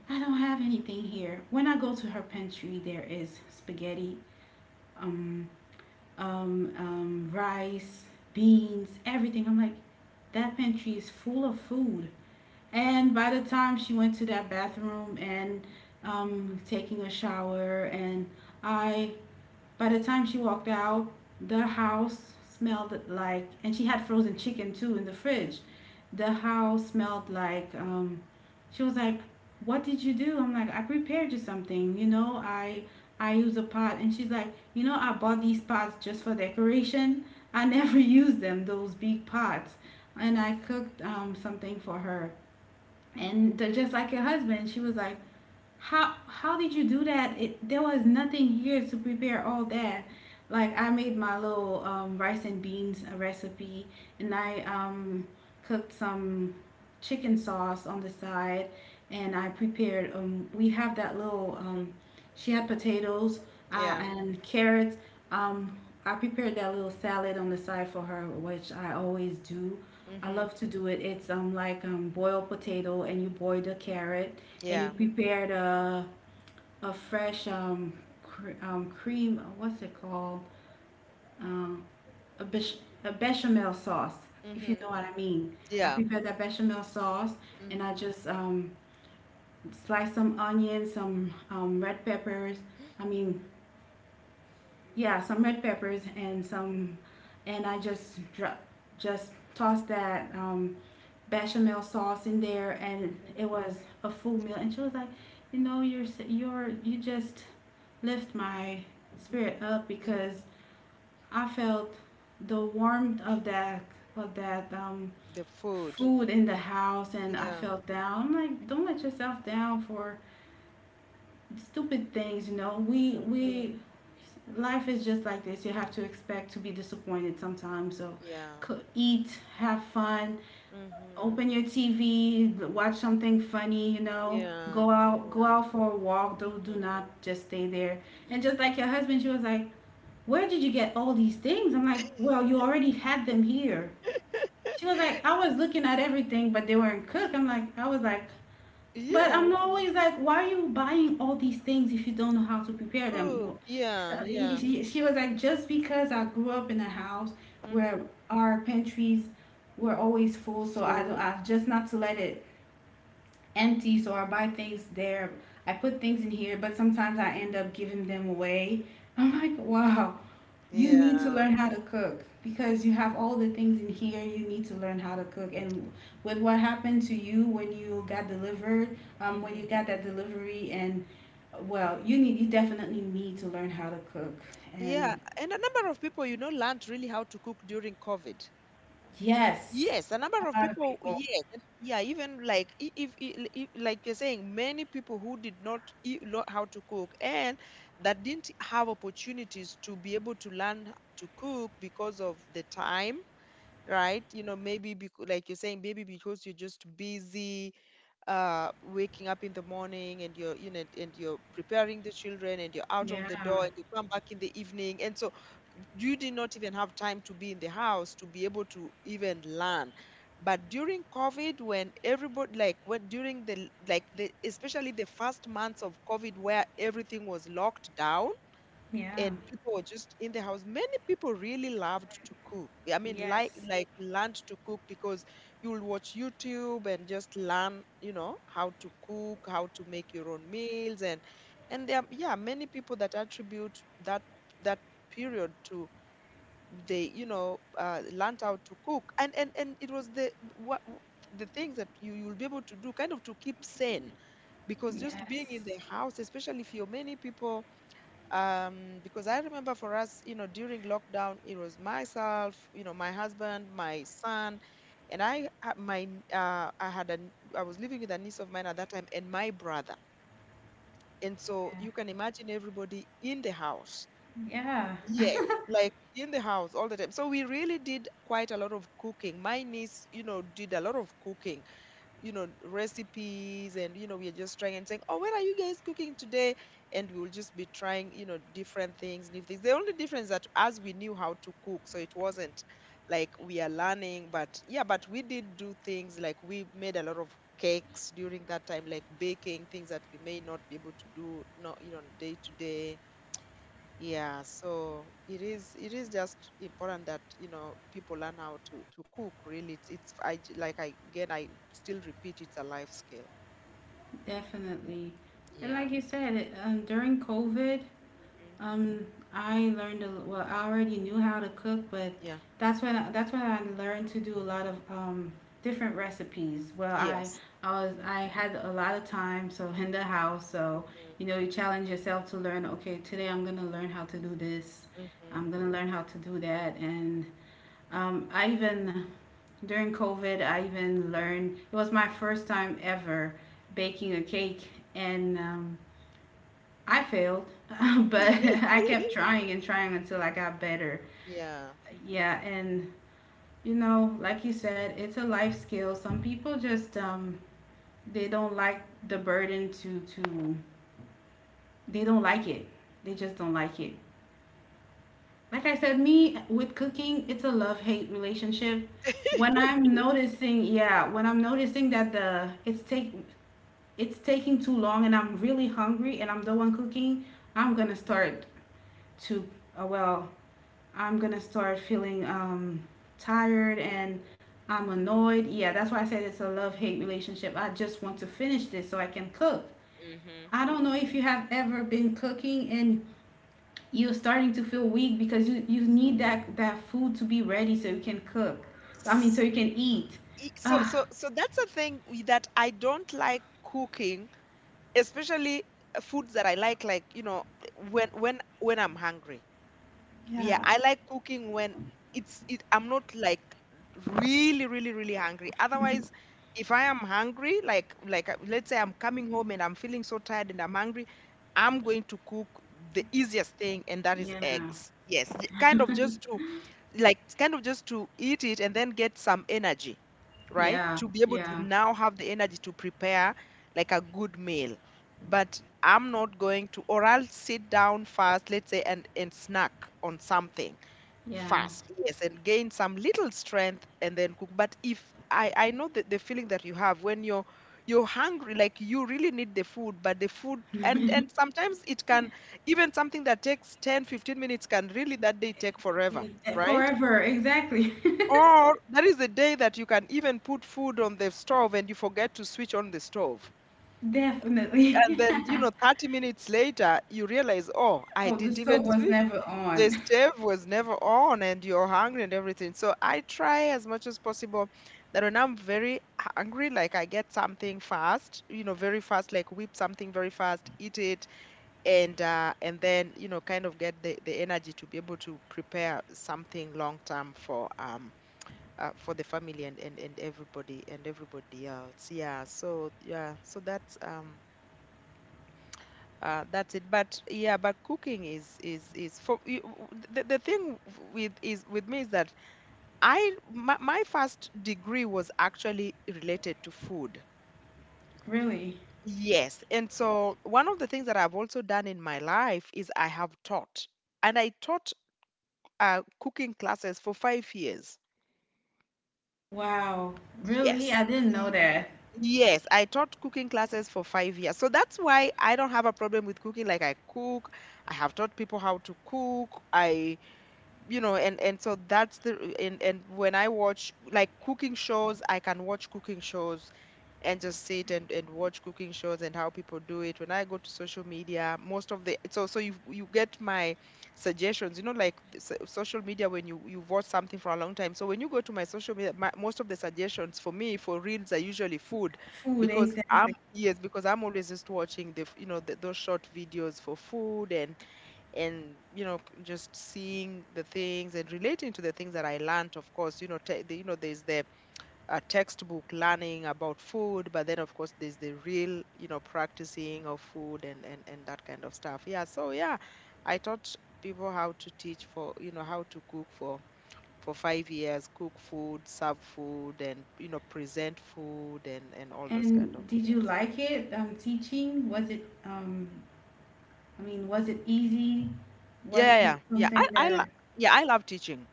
S1: I don't have anything here. When I go to her pantry, there is spaghetti, um, rice, beans, everything. I'm like, that pantry is full of food. And by the time she went to that bathroom and, taking a shower, and I by the time she walked out, the house smelled like, and she had frozen chicken too in the fridge. The house smelled like, she was like, "What did you do?" I'm like, "I prepared you something. You know, I use a pot." And she's like, "You know, I bought these pots just for decoration. I never use them. Those big pots." And I cooked, something for her. And just like her husband, she was like, how did you do that? There was nothing here to prepare all that. Like, I made my little, rice and beans recipe, and I, cooked some chicken sauce on the side, and I prepared. We have that little. She had potatoes,
S2: Yeah.
S1: and carrots. Um, I prepared that little salad on the side for her, which I always do. I
S2: Mm-hmm.
S1: love to do it. It's like boiled potato and you boil the carrot and you
S2: Yeah.
S1: prepared a fresh cream. What's it called? Um, a, bech a bechamel sauce,
S2: Mm-hmm.
S1: if you know what I
S2: Mm-hmm.
S1: mean. I
S2: Yeah.
S1: prepared that bechamel sauce, and
S2: Mm-hmm.
S1: I just sliced some onions, some red peppers. I mean, yeah, some red peppers and some, and I just just tossed that bechamel sauce in there, and it was a full meal. And she was like, you know, you just lift my spirit up
S2: Yeah.
S1: because I felt the warmth of that of that um,
S2: The food.
S1: food in the house, and I
S2: Yeah.
S1: felt down. I'm like, don't let yourself down for stupid things. You know,
S2: Mm-hmm.
S1: we life is just like this. You have to expect to be disappointed sometimes. So
S2: Yeah.
S1: eat, have fun,
S2: Mm-hmm.
S1: open your TV, watch something funny, you know,
S2: Yeah.
S1: go
S2: Yeah.
S1: out for a walk. Don't, do not
S2: Mm-hmm.
S1: just stay there. And just like your husband, she was like, where did you get all these things? I'm like, well, you already had them here. She was like, I was looking at everything, but they weren't cooked. I'm like, I was like, but
S2: Yeah.
S1: I'm always like, why are you buying all these things if you don't know how to prepare them?
S2: Cool.
S1: Well, so
S2: Yeah. Yeah.
S1: she was like, just because I grew up in a house where
S2: Mm-hmm.
S1: our pantries were always full, so I don't,
S2: Full.
S1: I just not to let it empty. So I buy things there. I put things in here, but sometimes I end up giving them away. I'm like, wow. You need to
S2: Yeah.
S1: learn how to cook because you have all the things in here. You need to learn how to cook. And with what happened to you when you got delivered, when
S2: Mm-hmm.
S1: you got that delivery, and well, you definitely need to learn how to cook.
S2: Yeah.
S1: And
S2: And a number of people, you know, learned really how to cook during COVID.
S1: yes,
S2: Yes, a number
S1: a
S2: of
S1: lot of
S2: people,
S1: people.
S2: yes, yeah, even like I- if, I- like you're saying, many people who did not know how to cook and that didn't have opportunities to be able to learn to cook because of the time, right? You know, maybe because, like you're saying, maybe because you're just busy waking up in the morning and you're, you know, and you're preparing the children and you're out
S1: Yeah,
S2: of the door and you come back in the evening. And so you did not even have time to be in the house to be able to even learn. But during COVID, when everybody, like when during the, like the, especially the first months of COVID, where everything was locked down
S1: yeah,
S2: and people were just in the house, many people really loved to cook, I mean, like
S1: yes,
S2: like learned to cook because you'll watch YouTube and just learn, you know, how to cook, how to make your own meals. And there are, yeah, many people that attribute that, that period to, they, you know, learned how to cook. And it was the what, the things that you you'll be able to do kind of to keep sane, because just being in
S1: yes,
S2: the house, especially if you're many people, um, because I remember for us, you know, during lockdown, it was myself, you know, my husband, my son, and I had my, I had an, I was living with a niece of mine at that time, and my brother, and so
S1: yeah,
S2: you can imagine everybody in the house.
S1: yeah,
S2: Yes, like in the house all the time. So we really did quite a lot of cooking. My niece, you know, did a lot of cooking, you know, recipes. And you know, we are just trying and saying, "Oh, what are you guys cooking today?" And we will just be trying, you know, different things, new things. The only difference that as we knew how to cook, so it wasn't like we are learning, but yeah, but we did do things like we made a lot of cakes during that time, like baking things that we may not be able to do, not, you know, day to day. Yeah, so it is, it is just important that, you know, people learn how to cook, really. It's I like I, again, I still repeat, it's a life skill.
S1: definitely. And
S2: Yeah.
S1: like you said, it, during COVID.
S2: Hmm.
S1: Um, I learned a, well. I already knew how to cook, but
S2: Yeah.
S1: that's when I learned to do a lot of different recipes. Well, I
S2: Yes.
S1: I was,
S2: Hmm.
S1: I had a lot of time, so in the house, so you know, you challenge yourself to learn. Okay, today I'm gonna learn how to do this.
S2: Hmm. Hmm.
S1: I'm gonna learn how to do that, and I even during COVID, I even learned. It was my first time ever baking a cake, and I failed, but I kept trying and trying until I got better.
S2: Yeah.
S1: Yeah, and you know, like you said, it's a life skill. Some people just they don't like the burden to they don't like it. They just don't like it. Like I said, me with cooking, it's a love hate relationship. When I'm noticing, yeah, when I'm noticing that the it's take it's taking too long and I'm really hungry and I'm the one cooking, I'm gonna start to uh, well I'm gonna start feeling tired and I'm annoyed. Yeah, that's why I said it's a love hate relationship. I just want to finish this so I can cook.
S2: Hmm. Hmm.
S1: I don't know if you have ever been cooking and you're starting to feel weak because you need that, that food to be ready so you can cook. So, so
S2: S-
S1: you can eat.
S2: So so
S1: Ah,
S2: so that's a thing that I don't like cooking, especially foods that I like, you know, when I'm hungry. Yeah,
S1: Yeah,
S2: I like cooking when it's it, I'm not like really really really hungry. Otherwise, if I am hungry, like, let's say I'm coming home and I'm feeling so tired and I'm hungry, I'm going to cook the easiest thing, and that is
S1: yeah,
S2: eggs. Yes, kind of just to, like kind of just to eat it and then get some energy, right?
S1: yeah,
S2: To be able to
S1: yeah,
S2: now have the energy to prepare like a good meal. But I'm not going to, or I'll sit down first, let's say, and snack on something
S1: yeah.
S2: fast, yes, and gain some little strength and then cook. But if I know the feeling that you have when you're hungry, like you really need the food, but the food, and sometimes it can, even something that takes 10 15 minutes can really that day take forever,
S1: Yeah,
S2: right?
S1: forever, exactly.
S2: Or that is the day that you can even put food on the stove and you forget to switch on the stove, and
S1: Definitely.
S2: then you know 30 minutes later you realize, oh, I
S1: Oh, the
S2: didn't even
S1: stove was
S2: switch,
S1: never
S2: the
S1: on.
S2: stove was never on, and you're hungry and everything. So I try as much as possible that when I'm very hungry, like I get something fast, you know, very fast, like whip something very fast, eat it, and then, you know, kind of get the energy to be able to prepare something long term for the family, and everybody else. Yeah. So yeah. So that's it. But yeah, but cooking is, is for you, the thing with me is that I, my first degree was actually related to food.
S1: Really?
S2: Yes. And so one of the things that I've also done in my life is I have taught. And I taught cooking classes for 5 years.
S1: Wow, really? I
S2: Yes.
S1: didn't know that.
S2: Yes, I taught cooking classes for 5 years. So that's why I don't have a problem with cooking. Like I cook, I have taught people how to cook. I, you know, and so that's the, and when I watch like cooking shows, I can watch cooking shows and just sit and watch cooking shows and how people do it. When I go to social media, most of the, so so you get my suggestions, you know, like the social media, when you, you've watched something for a long time, so when you go to my social media, my, most of the suggestions for me for reels are usually food,
S1: Food,
S2: because I'm,
S1: exactly.
S2: yes, because I'm always just watching the you know, the, those short videos for food. And you know, just seeing the things and relating to the things that I learnt. Of course, you know, the, you know, there's the textbook learning about food, but then of course there's the real, you know, practicing of food and that kind of stuff. Yeah, so yeah, I taught people how to teach for, you know, how to cook for 5 years, cook food, serve food, and you know, present food, and all those kind of,
S1: And did you
S2: yes.
S1: like it? Teaching? Was it, I mean, was it easy?
S2: Yeah,
S1: Was
S2: yeah, yeah.
S1: it
S2: Yeah, I
S1: something that,
S2: yeah, I love teaching.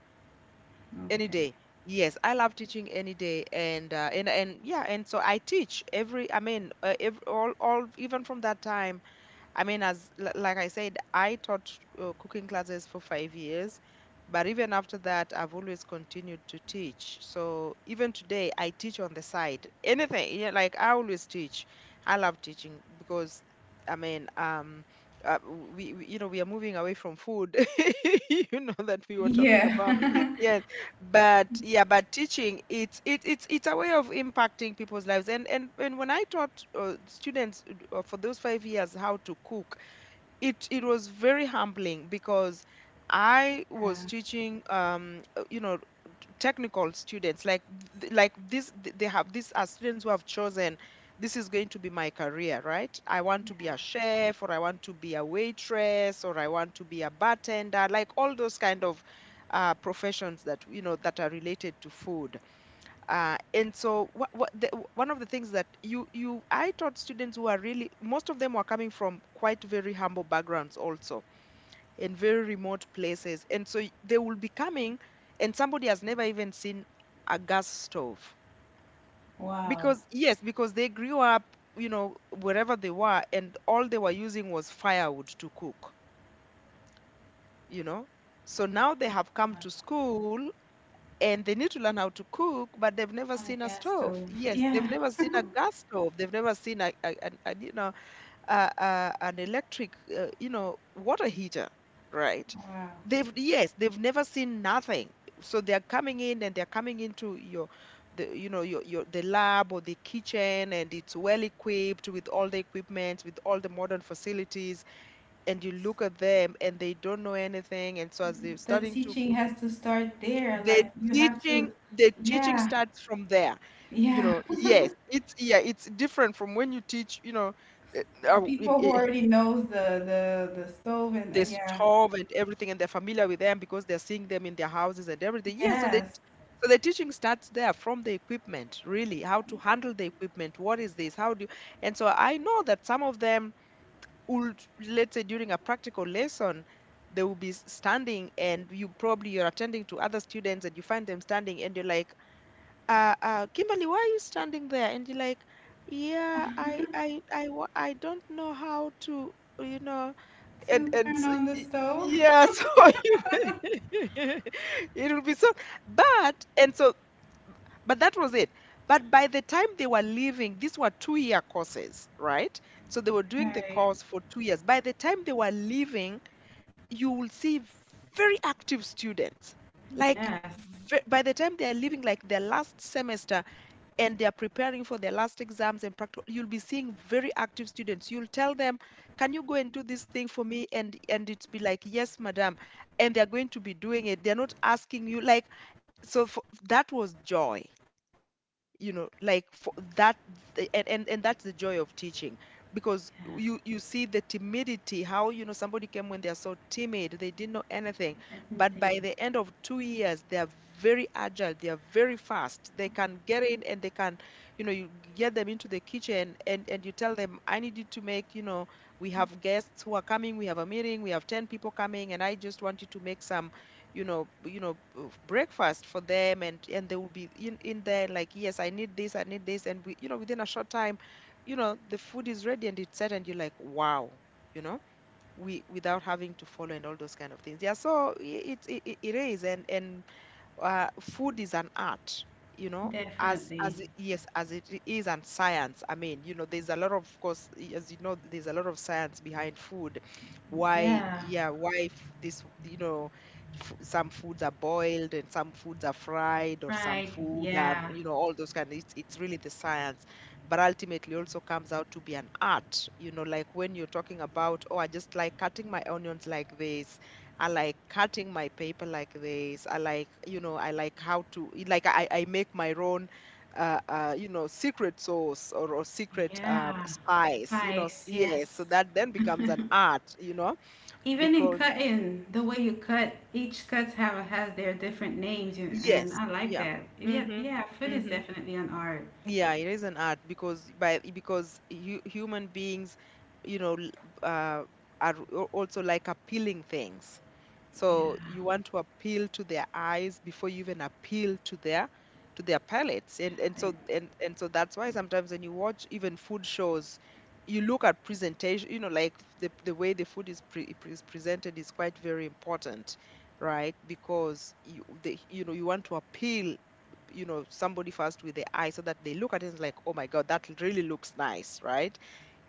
S2: Any
S1: okay.
S2: day. Yes, I love teaching any day, and yeah, and so I teach every. I mean, every, all even from that time. I mean, as like I said, I taught cooking classes for 5 years, but even after that, I've always continued to teach. So even today, I teach on the side. Anything, yeah, like I always teach. I love teaching because, I mean, uh, we, you know, we are moving away from food. You know that we were talking about.
S1: Yeah.
S2: Yes, but yeah, but teaching, it's it, it's a way of impacting people's lives. And when I taught students for those 5 years how to cook it was very humbling because I was
S1: Yeah.
S2: teaching, you know, technical students like th- like this. Th- They have these are students who have chosen this is going to be my career, right? I want to be a chef, or I want to be a waitress, or I want to be a bartender, like all those kind of professions that you know that are related to food and so one of the things that you I taught students who are really most of them were coming from quite very humble backgrounds also in very remote places, and so they will be coming and somebody has never even seen a gas stove
S1: Wow.
S2: because, yes, because they grew up, you know, wherever they were, and all they were using was firewood to cook, you know. So now they have come
S1: Uh,
S2: to school and they need to learn how to cook, but they've never
S1: on
S2: seen
S1: a
S2: a
S1: gas
S2: stove.
S1: stove.
S2: Yes, they've
S1: Yeah.
S2: never seen a gas stove. They've never seen you know, an electric you know, water heater, right?
S1: Wow.
S2: They've, yes, they've never seen nothing. So they're coming in and they're coming into your, the, you know, your the lab or the kitchen, and it's well equipped with all the equipment, with all the modern facilities, and you look at them and they don't know anything. And so as they're
S1: The
S2: starting to
S1: teaching
S2: cook,
S1: has to start there.
S2: the
S1: Like you have
S2: teaching
S1: to,
S2: the teaching
S1: yeah,
S2: starts from there. You
S1: yeah.
S2: know, yes, it's, yeah, it's different from when you teach, you know, uh, uh, in-
S1: People who
S2: i-
S1: already knows the stove and
S2: the
S1: yeah,
S2: stove and everything, and they're familiar with them because they're seeing them in their houses and everything, yeah. So that,
S1: yes.
S2: so the teaching starts there, from the equipment, really. How to handle the equipment, what is this, how do you? And so I know that some of them would, let's say during a practical lesson, they will be standing, and you probably, you're attending to other students, and you find them standing, and you're like, Kimberly, why are you standing there? And you're like, yeah, I don't know how to, you know.
S1: To
S2: And
S1: turn
S2: so,
S1: on the
S2: y-
S1: stove.
S2: yeah, so you, it will be so, but and so, but that was it. But by the time they were leaving, these were two-year courses, right? So they were doing the
S1: Right.
S2: course for 2 years. By the time they were leaving, you will see very active students. Like,
S1: Yes.
S2: by the time they're leaving, like their last semester, and they are preparing for their last exams and practical, you'll be seeing very active students. You'll tell them, can you go and do this thing for me? And it's be like, yes, madam. And they're going to be doing it, they're not asking you. Like, so for, that was joy, you know, like for that. And that's the joy of teaching, because
S1: Yeah.
S2: you see the timidity. How, you know, somebody came when they're so timid, they didn't know anything,
S1: I didn't
S2: but
S1: think.
S2: by the end of 2 years they are very agile, they are very fast, they can get in, and they can, you know, you get them into the kitchen, and you tell them, I need you to make, you know, we have guests who are coming, we have a meeting, we have 10 people coming, and I just want you to make some, you know, breakfast for them. And they will be in there, like, yes, I need this, I need this. And we, you know, within a short time, you know, the food is ready and it's set, and you're like, wow, you know, we, without having to follow, and all those kind of things, yeah. So, it it is. And food is an art, you know,
S1: Definitely.
S2: yes, as is. And science, I mean, you know, there's a lot of course, as you know, there's a lot of science behind food. Why
S1: Yeah.
S2: yeah why f- this, you know, some foods are boiled and some foods are fried, or some
S1: Fried.
S2: food are,
S1: Yeah.
S2: you know, all those kind. It's really the science, but ultimately also comes out to be an art, you know. Like when you're talking about, oh, I just like cutting my onions like this, I like cutting my paper like this, I like, you know, I like how to, I make my own you know, secret sauce, or secret
S1: Yeah.
S2: spice, you know,
S1: Spice. Yes.
S2: yes. So that then becomes an art, you know,
S1: Even in
S2: because,
S1: cutting, the way you cut, each cuts have has their different names, you- and
S2: yes,
S1: I like
S2: yeah.
S1: that. Yeah,
S2: Mm-hmm.
S1: yeah, food is
S2: Mm-hmm.
S1: definitely an art.
S2: Yeah, it is an art because, by because hu human beings, you know, uh, also like appealing things. So
S1: Yeah,
S2: you want to appeal to their eyes before you even appeal to their, to their palates. And so that's why sometimes when you watch even food shows, you look at presentation, you know, like the way the food is presented is quite very important, right? Because you the, you know, you want to appeal, you know, somebody first with the eye so that they look at it and like, oh my god, that really looks nice, right,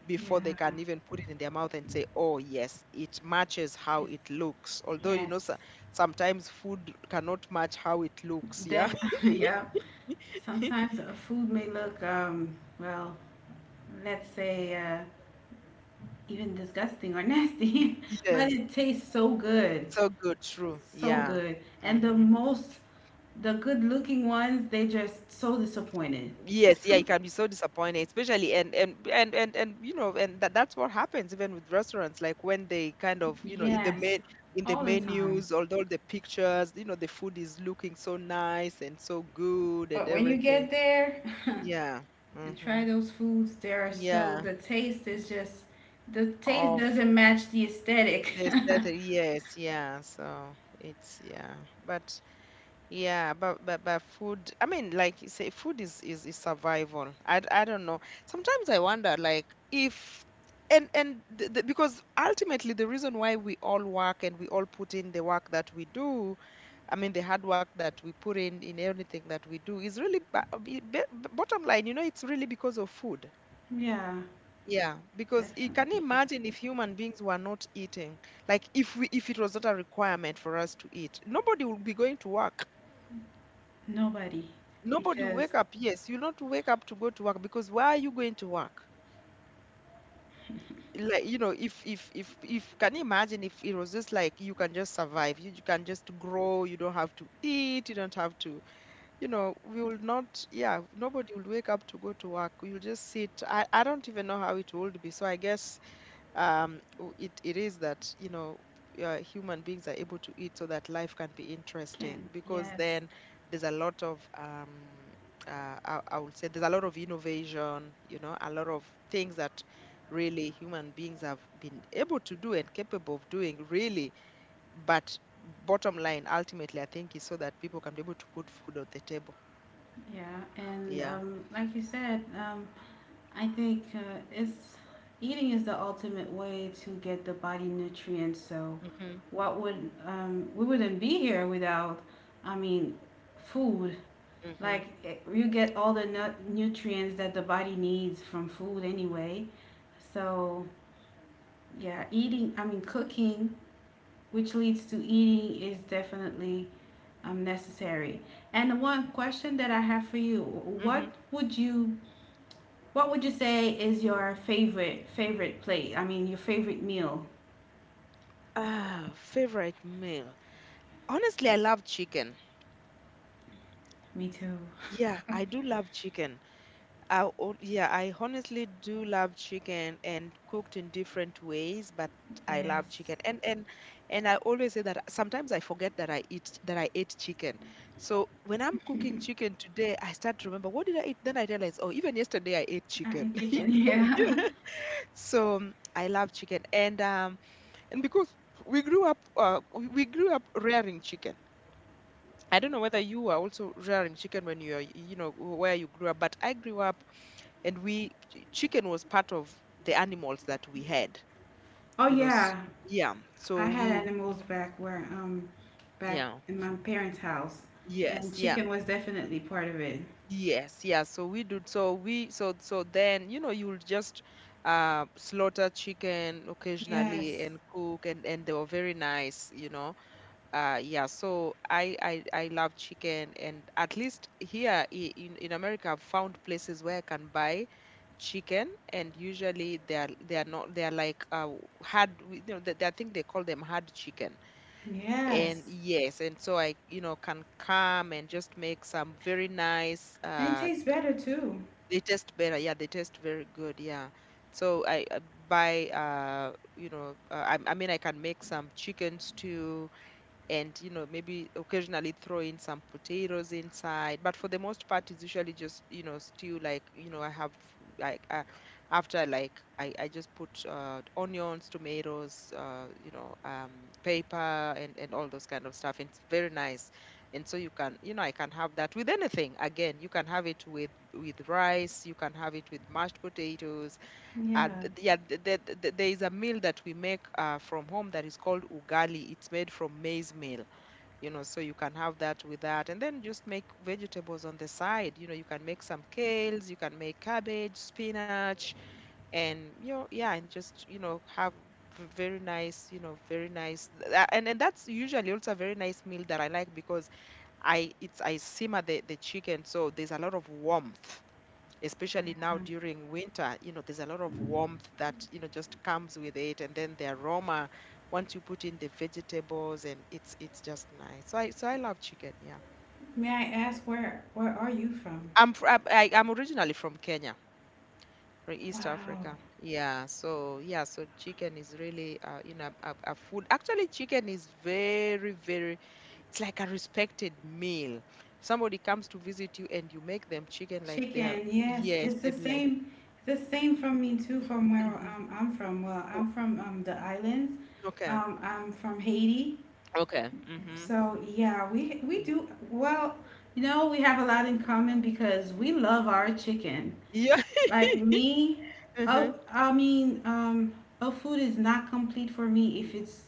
S2: before they
S1: yeah,
S2: can even put it in their mouth and say, oh yes, it matches how
S1: yes,
S2: it looks, although, you
S1: yes,
S2: know. So sometimes food cannot match how it looks, yeah.
S1: def, yeah. Sometimes a food may look, well, let's say, even disgusting or nasty, but
S2: Yes,
S1: it tastes so good.
S2: so good, true,
S1: So
S2: yeah.
S1: good. And the
S2: Hmm.
S1: most, the good looking ones, they just so disappointed.
S2: Yes, yeah, it can be so disappointing. Especially, and you know, and that that's what happens even with restaurants, like when they kind of, you know, in the
S1: Yes,
S2: men in the
S1: all the time.
S2: menus, although the pictures, you know, the food is looking so nice and so good and
S1: But when you get
S2: everything.
S1: there
S2: Yeah.
S1: and
S2: Mm-hmm.
S1: try those foods, they are so,
S2: Yeah.
S1: the taste is just, the taste
S2: Of
S1: doesn't match the aesthetic.
S2: the aesthetic. Yes, yeah. So it's, yeah. But yeah, but food, I mean, like you say, food is, is survival. I don't know. Sometimes I wonder, like, if, and and the, because ultimately the reason why we all work and we all put in the work that we do, I mean, the hard work that we put in anything that we do is really, bottom line. You know, it's really because of food.
S1: Yeah,
S2: Yeah, because, you can you
S1: definitely.
S2: imagine if human beings were not eating, like if we, if it was not a requirement for us to eat, nobody would be going to work.
S1: Nobody,
S2: Nobody
S1: because
S2: wake up. Yes, you not wake up to go to work, because why are you going to work? Like, you know, if can you imagine if it was just like you can just survive, you can just grow, you don't have to eat, you don't have to, you know, we will not, yeah, nobody will wake up to go to work. We will just sit. I don't even know how it would be. So I guess it, it is that, you know, human beings are able to eat so that life can be interesting,
S1: can,
S2: because
S1: yes.
S2: then there's a lot of I would say there's a lot of innovation, you know, a lot of things that really human beings have been able to do and capable of doing, really. But bottom line, ultimately, I think is so that people can be able to put food on the table.
S1: Yeah, and
S2: Yeah.
S1: like you said, I think it's eating is the ultimate way to get the body nutrients. So,
S2: Hmm.
S1: what would we wouldn't be here without? I mean, food.
S2: Hmm.
S1: Like it, you get all the nutrients that the body needs from food anyway. So, yeah, eating. I mean, cooking, which leads to eating, is definitely necessary. And the one question that I have for you:
S2: Hmm.
S1: What would you say is your favorite plate? I mean, your favorite meal.
S2: Ah, favorite meal. Honestly, I love chicken.
S1: Me too.
S2: Yeah, I do love chicken. Yeah, I honestly do love chicken, and cooked in different ways, but I love
S1: Yes.
S2: chicken. And I always say that sometimes I forget that I eat that I ate chicken. So when I'm cooking chicken today, I start to remember, what did I eat? Then I realize, oh, even yesterday I ate
S1: I
S2: chicken.
S1: eat chicken.
S2: You
S1: Yeah.
S2: know? Yeah. So I love chicken. And because we grew up, we grew up rearing chicken. I don't know whether you were also rearing chicken when you are, you know, where you grew up, but I grew up, and we, chicken was part of the animals that we had,
S1: Oh
S2: you know.
S1: yeah,
S2: Yeah.
S1: I
S2: So we
S1: had
S2: would,
S1: animals back where back
S2: yeah.
S1: in my parents' house,
S2: Yes.
S1: and
S2: Yeah.
S1: chicken was definitely part of it.
S2: Yes. Yeah. So we do. So we, so, so then, you know, you'll just slaughter chicken occasionally
S1: Yes,
S2: and cook, and they were very nice, you know. Yeah, so I love chicken, and at least here in America, I've found places where I can buy chicken, and usually they are not they are like hard, I think they call them hard chicken, and
S1: yes,
S2: yes, and so I you know can come and just make some very nice
S1: and it tastes better too.
S2: they taste better, yeah, they taste very good, yeah. So I buy I can make some chicken stew, and you know maybe occasionally throw in some potatoes inside, but for the most part it's usually just, you know, stew like, you know, I have like after like I just put onions, tomatoes, paper and all those kind of stuff, and it's very nice. And so you can, you know, I can have that with anything. Again, you can have it with rice, you can have it with mashed potatoes.
S1: Yeah.
S2: There is a meal that we make from home that is called ugali. It's made from maize meal, you know, so you can have that with that. And then just make vegetables on the side. You know, you can make some kales, you can make cabbage, spinach, and you know, yeah, and just, you know, have very nice, you know, very nice. And that's usually also a very nice meal that I like because I simmer the chicken, so there's a lot of warmth, especially
S1: Yeah.
S2: now during winter. You know, there's a lot of warmth that, you know, just comes with it. And then the aroma, once you put in the vegetables, and it's just nice. So I love chicken, yeah.
S1: May I ask where are you from?
S2: I'm fr- I'm- I, I'm originally from Kenya, from East
S1: Wow.
S2: Africa. Yeah, so yeah, so chicken is really you know, a food. Actually, chicken is very, very, it's like a respected meal. If somebody comes to visit you and you make them chicken, like they are,
S1: Chicken, yes,
S2: yes,
S1: it's the
S2: they'll be like,
S1: same. It's the same from me too, from where
S2: mm-hmm.
S1: I'm from. Well,
S2: Oh,
S1: I'm from the islands.
S2: okay.
S1: I'm from Haiti,
S2: Okay. Mhm.
S1: so yeah, we do well. You know, we have a lot in common because we love our chicken.
S2: Yeah.
S1: Like me, oh,
S2: Mhm.
S1: I mean, oat food is not complete for me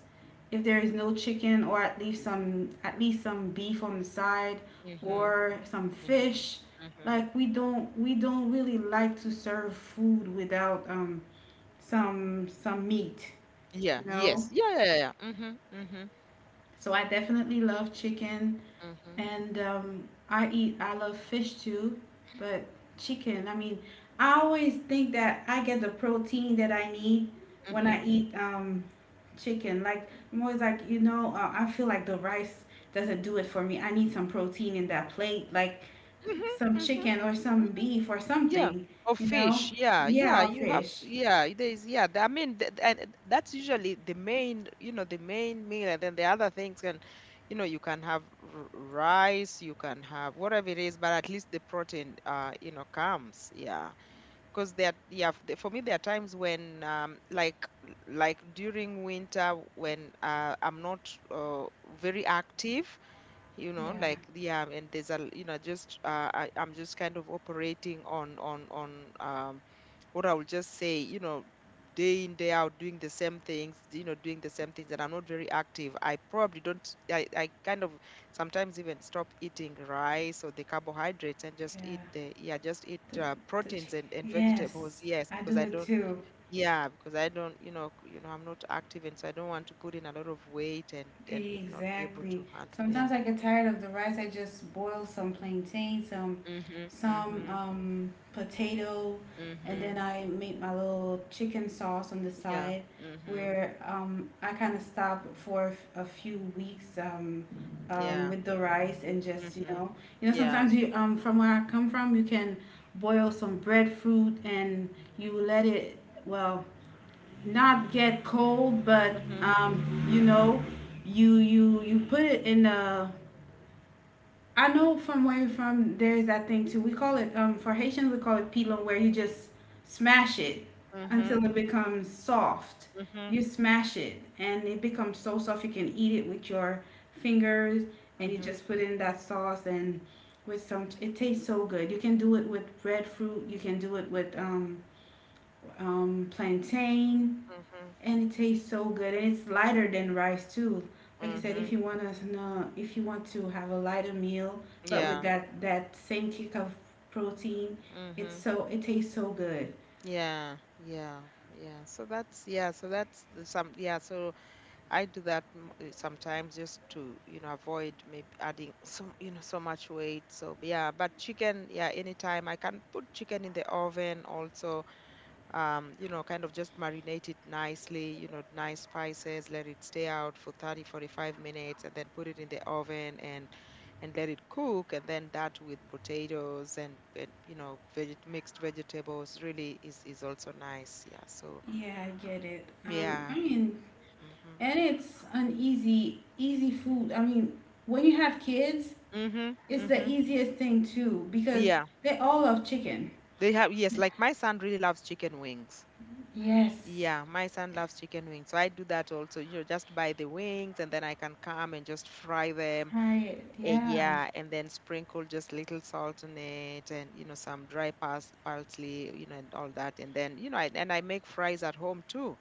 S1: if there is no chicken or at least some beef on the side
S2: Mhm.
S1: or some
S2: Mhm.
S1: fish.
S2: Mhm.
S1: Like we don't really like to serve food without some some meat,
S2: Yeah.
S1: you
S2: Yes.
S1: know?
S2: Yeah. Yeah. Yeah. Mhm. Mhm.
S1: So I definitely love chicken.
S2: Mhm.
S1: And I eat, I love fish too, but chicken, I mean, I always think that I get the protein that I need when
S2: Mhm.
S1: I eat chicken. Like, I'm always like, you know, I feel like the rice doesn't do it for me. I need some protein in that plate, like some
S2: Mhm.
S1: chicken or some
S2: Mhm.
S1: beef or
S2: Yeah.
S1: something,
S2: Or
S1: you know?
S2: fish. Yeah.
S1: Yeah,
S2: Yeah.
S1: or
S2: You have
S1: fish.
S2: to, yeah, there is I mean and that's usually the main, you know, the main meal, and then the other things can, you know, you can have rice, you can have whatever it is, but at least the protein you know, comes. Yeah. Because for me, there are times when, like during winter when I'm not uh, very active, you know,
S1: Yeah,
S2: like, yeah, and there's a, you know, just I, I'm just kind of operating on what I will just say, you know, day in, day out, doing the same things, you know, doing the same things, and I'm not very active, I probably don't, I kind of sometimes even stop eating rice or the carbohydrates and just eat
S1: yeah.
S2: the, yeah, just eat
S1: The, the chicken.
S2: proteins and vegetables,
S1: Yes,
S2: yes,
S1: I
S2: because
S1: do
S2: I
S1: it
S2: don't.
S1: too.
S2: Yeah, because I don't, you know, I'm not active, and so I don't want to put in a lot of weight and not be able to
S1: Exactly.
S2: handle. Yeah.
S1: Sometimes I get tired of the rice. I just boil some plantain,
S2: Mhm.
S1: some
S2: Mhm.
S1: potato, and
S2: Mhm.
S1: then I make my little chicken sauce on the
S2: Yeah.
S1: side.
S2: Mhm.
S1: Where I kind of stop for a a few weeks
S2: Yeah.
S1: with the rice and just
S2: Mhm.
S1: you know
S2: Yeah.
S1: sometimes you from where I come from you can boil some breadfruit and you let it well not get cold, but
S2: Mhm.
S1: you know, you put it in a. I know from where you're from, there's that thing too. We call it for Haitians, we call it pilon, where you just smash it until
S2: Mhm.
S1: it becomes soft.
S2: Mhm.
S1: You smash it, and it becomes so soft you can eat it with your fingers, and you
S2: Mhm.
S1: just put in that sauce and with some. It tastes so good. You can do it with breadfruit. You can do it with plantain,
S2: Mhm.
S1: and it tastes so good, and it's lighter than rice too. Like I said, if
S2: Mhm.
S1: you want to know, if you want to have a lighter meal, but with
S2: Yeah.
S1: that that same kick of protein, it's
S2: Mhm.
S1: so, it tastes so good.
S2: Yeah. Yeah. Yeah. So that's the some yeah. So I do that sometimes just to, you know, avoid maybe adding some, you know, so much weight. So yeah. But chicken, yeah, anytime I can put chicken in the oven also, you know, kind of just marinate it nicely, you know, nice spices, let it stay out for 30, 45 minutes, and then put it in the oven and let it cook. And then that with potatoes and you know, veg mixed vegetables really is also nice. Yeah. So
S1: Yeah, I get it.
S2: yeah.
S1: I mean,
S2: Mm-hmm.
S1: and it's an easy easy food. I mean, when you have kids,
S2: Mm-hmm.
S1: it's
S2: Mm-hmm.
S1: the easiest thing too because
S2: Yeah.
S1: they all love chicken.
S2: They have yes, like my son really loves chicken wings.
S1: Yes,
S2: Yeah, my son loves chicken wings. So I do that also, you know, just buy the wings and then I can come and just fry them.
S1: right,
S2: Eh,
S1: yeah,
S2: yeah, and then sprinkle just little salt on it, and you know, some dry parsley, you know, and all that. And then, you know, I make fries at home too.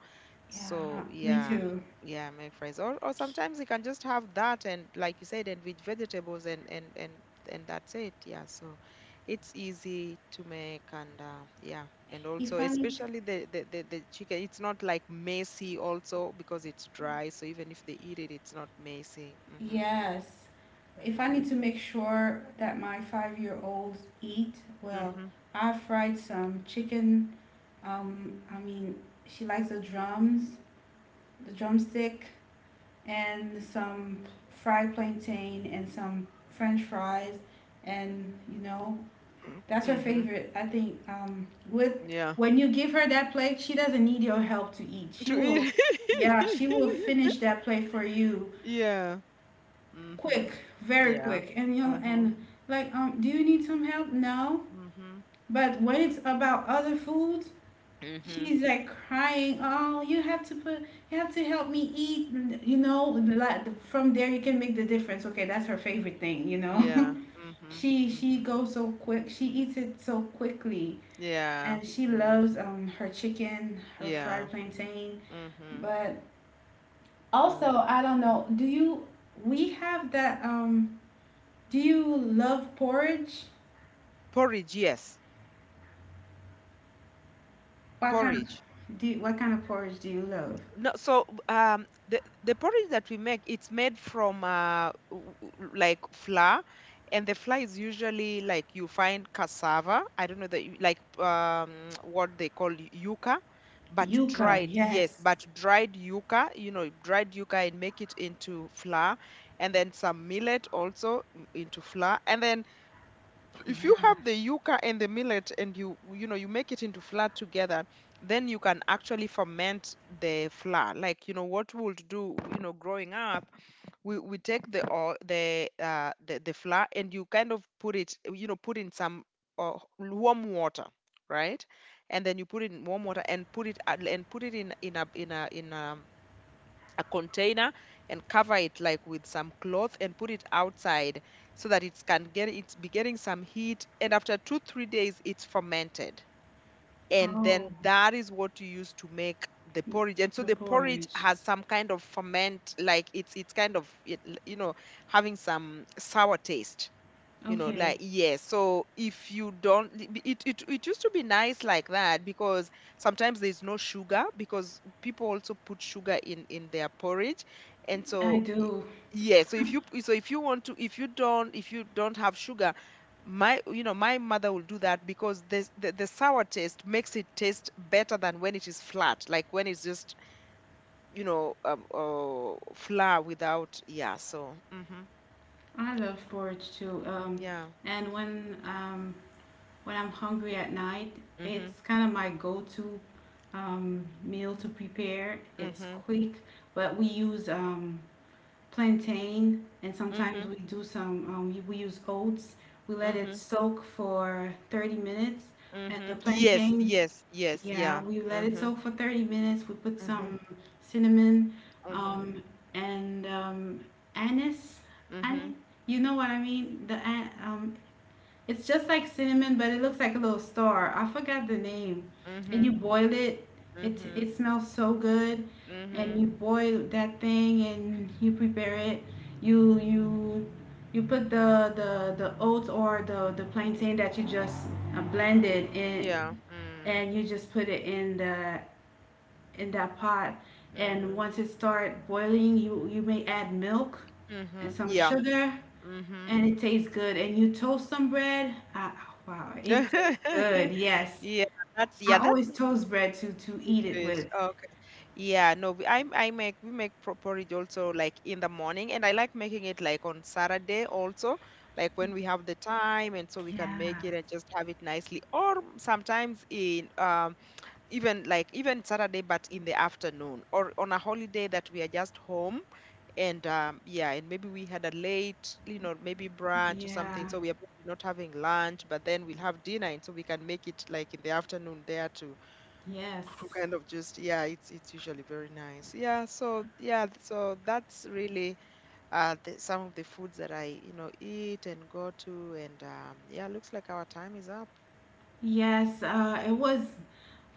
S1: yeah,
S2: So,
S1: me
S2: yeah.
S1: too.
S2: Yeah, I make fries. Or sometimes you can just have that, and like you said, and with vegetables and that's it. Yeah. So it's easy to make, and yeah. And also
S1: If I need
S2: especially the chicken, it's not like messy also because it's dry. So even if they eat it, it's not messy. Mm-hmm.
S1: Yes. If I need to
S2: Mm-hmm.
S1: make sure that my five-year-olds eat, well,
S2: Mm-hmm.
S1: I fried some chicken. I mean, she likes the drums, the drumstick, and some fried plantain and some French fries, and you know, that's her
S2: Mhm.
S1: favorite. I think with
S2: Yeah.
S1: when you give her that plate, she doesn't need your help to eat. She
S2: To
S1: will,
S2: eat.
S1: yeah, she will finish that plate for you
S2: Yeah.
S1: quick,
S2: Mhm.
S1: very
S2: Yeah.
S1: quick, and you know,
S2: Mhm.
S1: and like, do you need some help? No,
S2: Mhm.
S1: but when it's about other foods,
S2: Mhm.
S1: she's like crying. Oh, you have to put, you have to help me eat. You know, like from there you can make the difference. Okay, that's her favorite thing. You know,
S2: Yeah. Mhm.
S1: she
S2: Mhm.
S1: goes so quick. She eats it so quickly,
S2: Yeah.
S1: and she
S2: Yeah.
S1: loves her chicken, her
S2: Yeah.
S1: fried plantain,
S2: Mhm.
S1: but. Also,
S2: Mhm.
S1: I don't
S2: Mm.
S1: know. Do you? We have that do you love porridge?
S2: Porridge, yes. Porridge.
S1: What kind of porridge do you love?
S2: No, so the porridge that we make, it's made from like flour, and the flour is usually like you find cassava. I don't know that you, like what they call yuca, but
S1: Yuca,
S2: dried, yes,
S1: yes.
S2: but dried yuca. You know, dried yuca and make it into flour, and then some millet also mm, into flour, and then if you
S1: Yeah.
S2: have the yuca and the millet and you know, you make it into flour together, then you can actually ferment the flour, like, you know what we would do, you know, growing up, we take the or the flour and you kind of put it, you know, put in some warm water right, and then you put it in warm water and put it in a container, and cover it like with some cloth and put it outside so that it can get it's be getting some heat, and after 2 3 days it's fermented, and
S1: Oh,
S2: then that is what you use to make the porridge. And so
S1: the
S2: the porridge
S1: porridge.
S2: has some kind of ferment, like it's kind of you know, having some sour taste, you know, like
S1: Okay,
S2: yes. So if you don't, it it used to be nice like that because sometimes there's no sugar, because people also put sugar in their porridge, and
S1: I
S2: so
S1: do.
S2: yeah. So if you, so if you want to, if you don't, if you don't have sugar, my, you know, my mother will do that because the sour taste makes it taste better than when it is flat, like when it's just, you know, flour without, yeah. So mm-hmm,
S1: I love porridge too.
S2: yeah.
S1: And when I'm hungry at night,
S2: Mm-hmm.
S1: it's kind of my go-to meal to prepare. It's
S2: Mm-hmm.
S1: quick, but we use plantain, and
S2: Mm-hmm.
S1: sometimes we do some, we use oats. We let it
S2: Mm-hmm.
S1: soak for 30 minutes. And the
S2: Mm-hmm. Yes,
S1: plantain,
S2: yes, yes,
S1: yeah,
S2: yeah.
S1: we let it
S2: Mm-hmm.
S1: soak for 30 minutes. We put
S2: Mm-hmm.
S1: some cinnamon
S2: Mm-hmm.
S1: um, and anise.
S2: Mm-hmm.
S1: Anise, you know what I mean? The it's just like cinnamon, but it looks like a little star. I forgot the name. And
S2: Mm-hmm.
S1: you boil it. It
S2: Mm-hmm.
S1: it smells so good. And
S2: Mm-hmm.
S1: you boil that thing and you prepare it. You you you put the oats or the plantain that you just blended in,
S2: Yeah. Mm.
S1: and you just put it in the in that pot. And
S2: Mm-hmm.
S1: once it start boiling, you may add milk
S2: Mm-hmm.
S1: and some
S2: Yeah.
S1: sugar,
S2: Mm-hmm.
S1: and it tastes good. And you toast some bread. Wow, it tastes good. Yes.
S2: Yeah, yeah,
S1: I
S2: that's
S1: always
S2: what
S1: toast bread to
S2: it
S1: eat it
S2: is.
S1: with.
S2: Okay. Yeah, no, we, I make we make porridge also like in the morning, and I like making it like on Saturday also, like when we have the time, and so we can
S1: Yeah.
S2: make it and just have it nicely. Or sometimes in even like even Saturday, but in the afternoon or on a holiday that we are just home, and yeah, and maybe we had a late, you know, maybe brunch or
S1: Yeah.
S2: something. So we are probably not having lunch, but then we'll have dinner, and so we can make it like in the afternoon there to
S1: Yes.
S2: kind of just yeah, it's usually very nice. Yeah, so yeah, so that's really some of the foods that I, you know, eat and go to, and yeah, looks like our time is up.
S1: Yes. It was.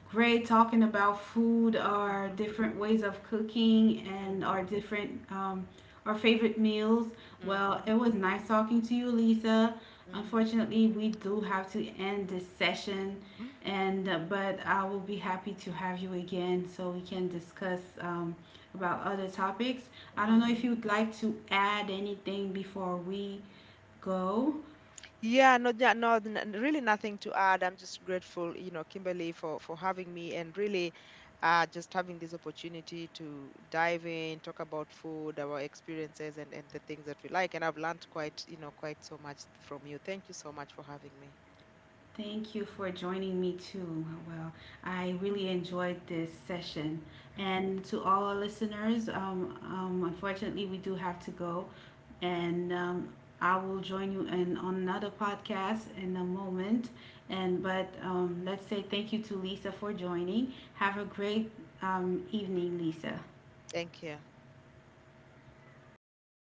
S1: Great talking about food, our
S2: Mm-hmm,
S1: different ways of cooking, and our
S2: mm-hmm,
S1: different our favorite meals. Well,
S2: mm-hmm,
S1: it was nice talking to you, Lisa.
S2: mm-hmm.
S1: Unfortunately, we do have to end this session, and but I will be happy to have you again so we can discuss about other topics. I don't know
S2: Mm-hmm.
S1: if you'd like to add anything before we go.
S2: Yeah, no, yeah, no, really nothing to add. I'm just grateful, you know, Kimberly, for having me, and really just having this opportunity to dive in, talk about food, our experiences and the things that we like. And I've learned quite, you know, quite so much from you. Thank you so much for having me.
S1: Thank you for joining me too. Well, I really enjoyed this session. And to all our listeners, unfortunately, we do have to go. And I will join you in, on another podcast in a moment. And but let's say thank you to Lisa for joining. Have a great evening, Lisa.
S2: Thank you.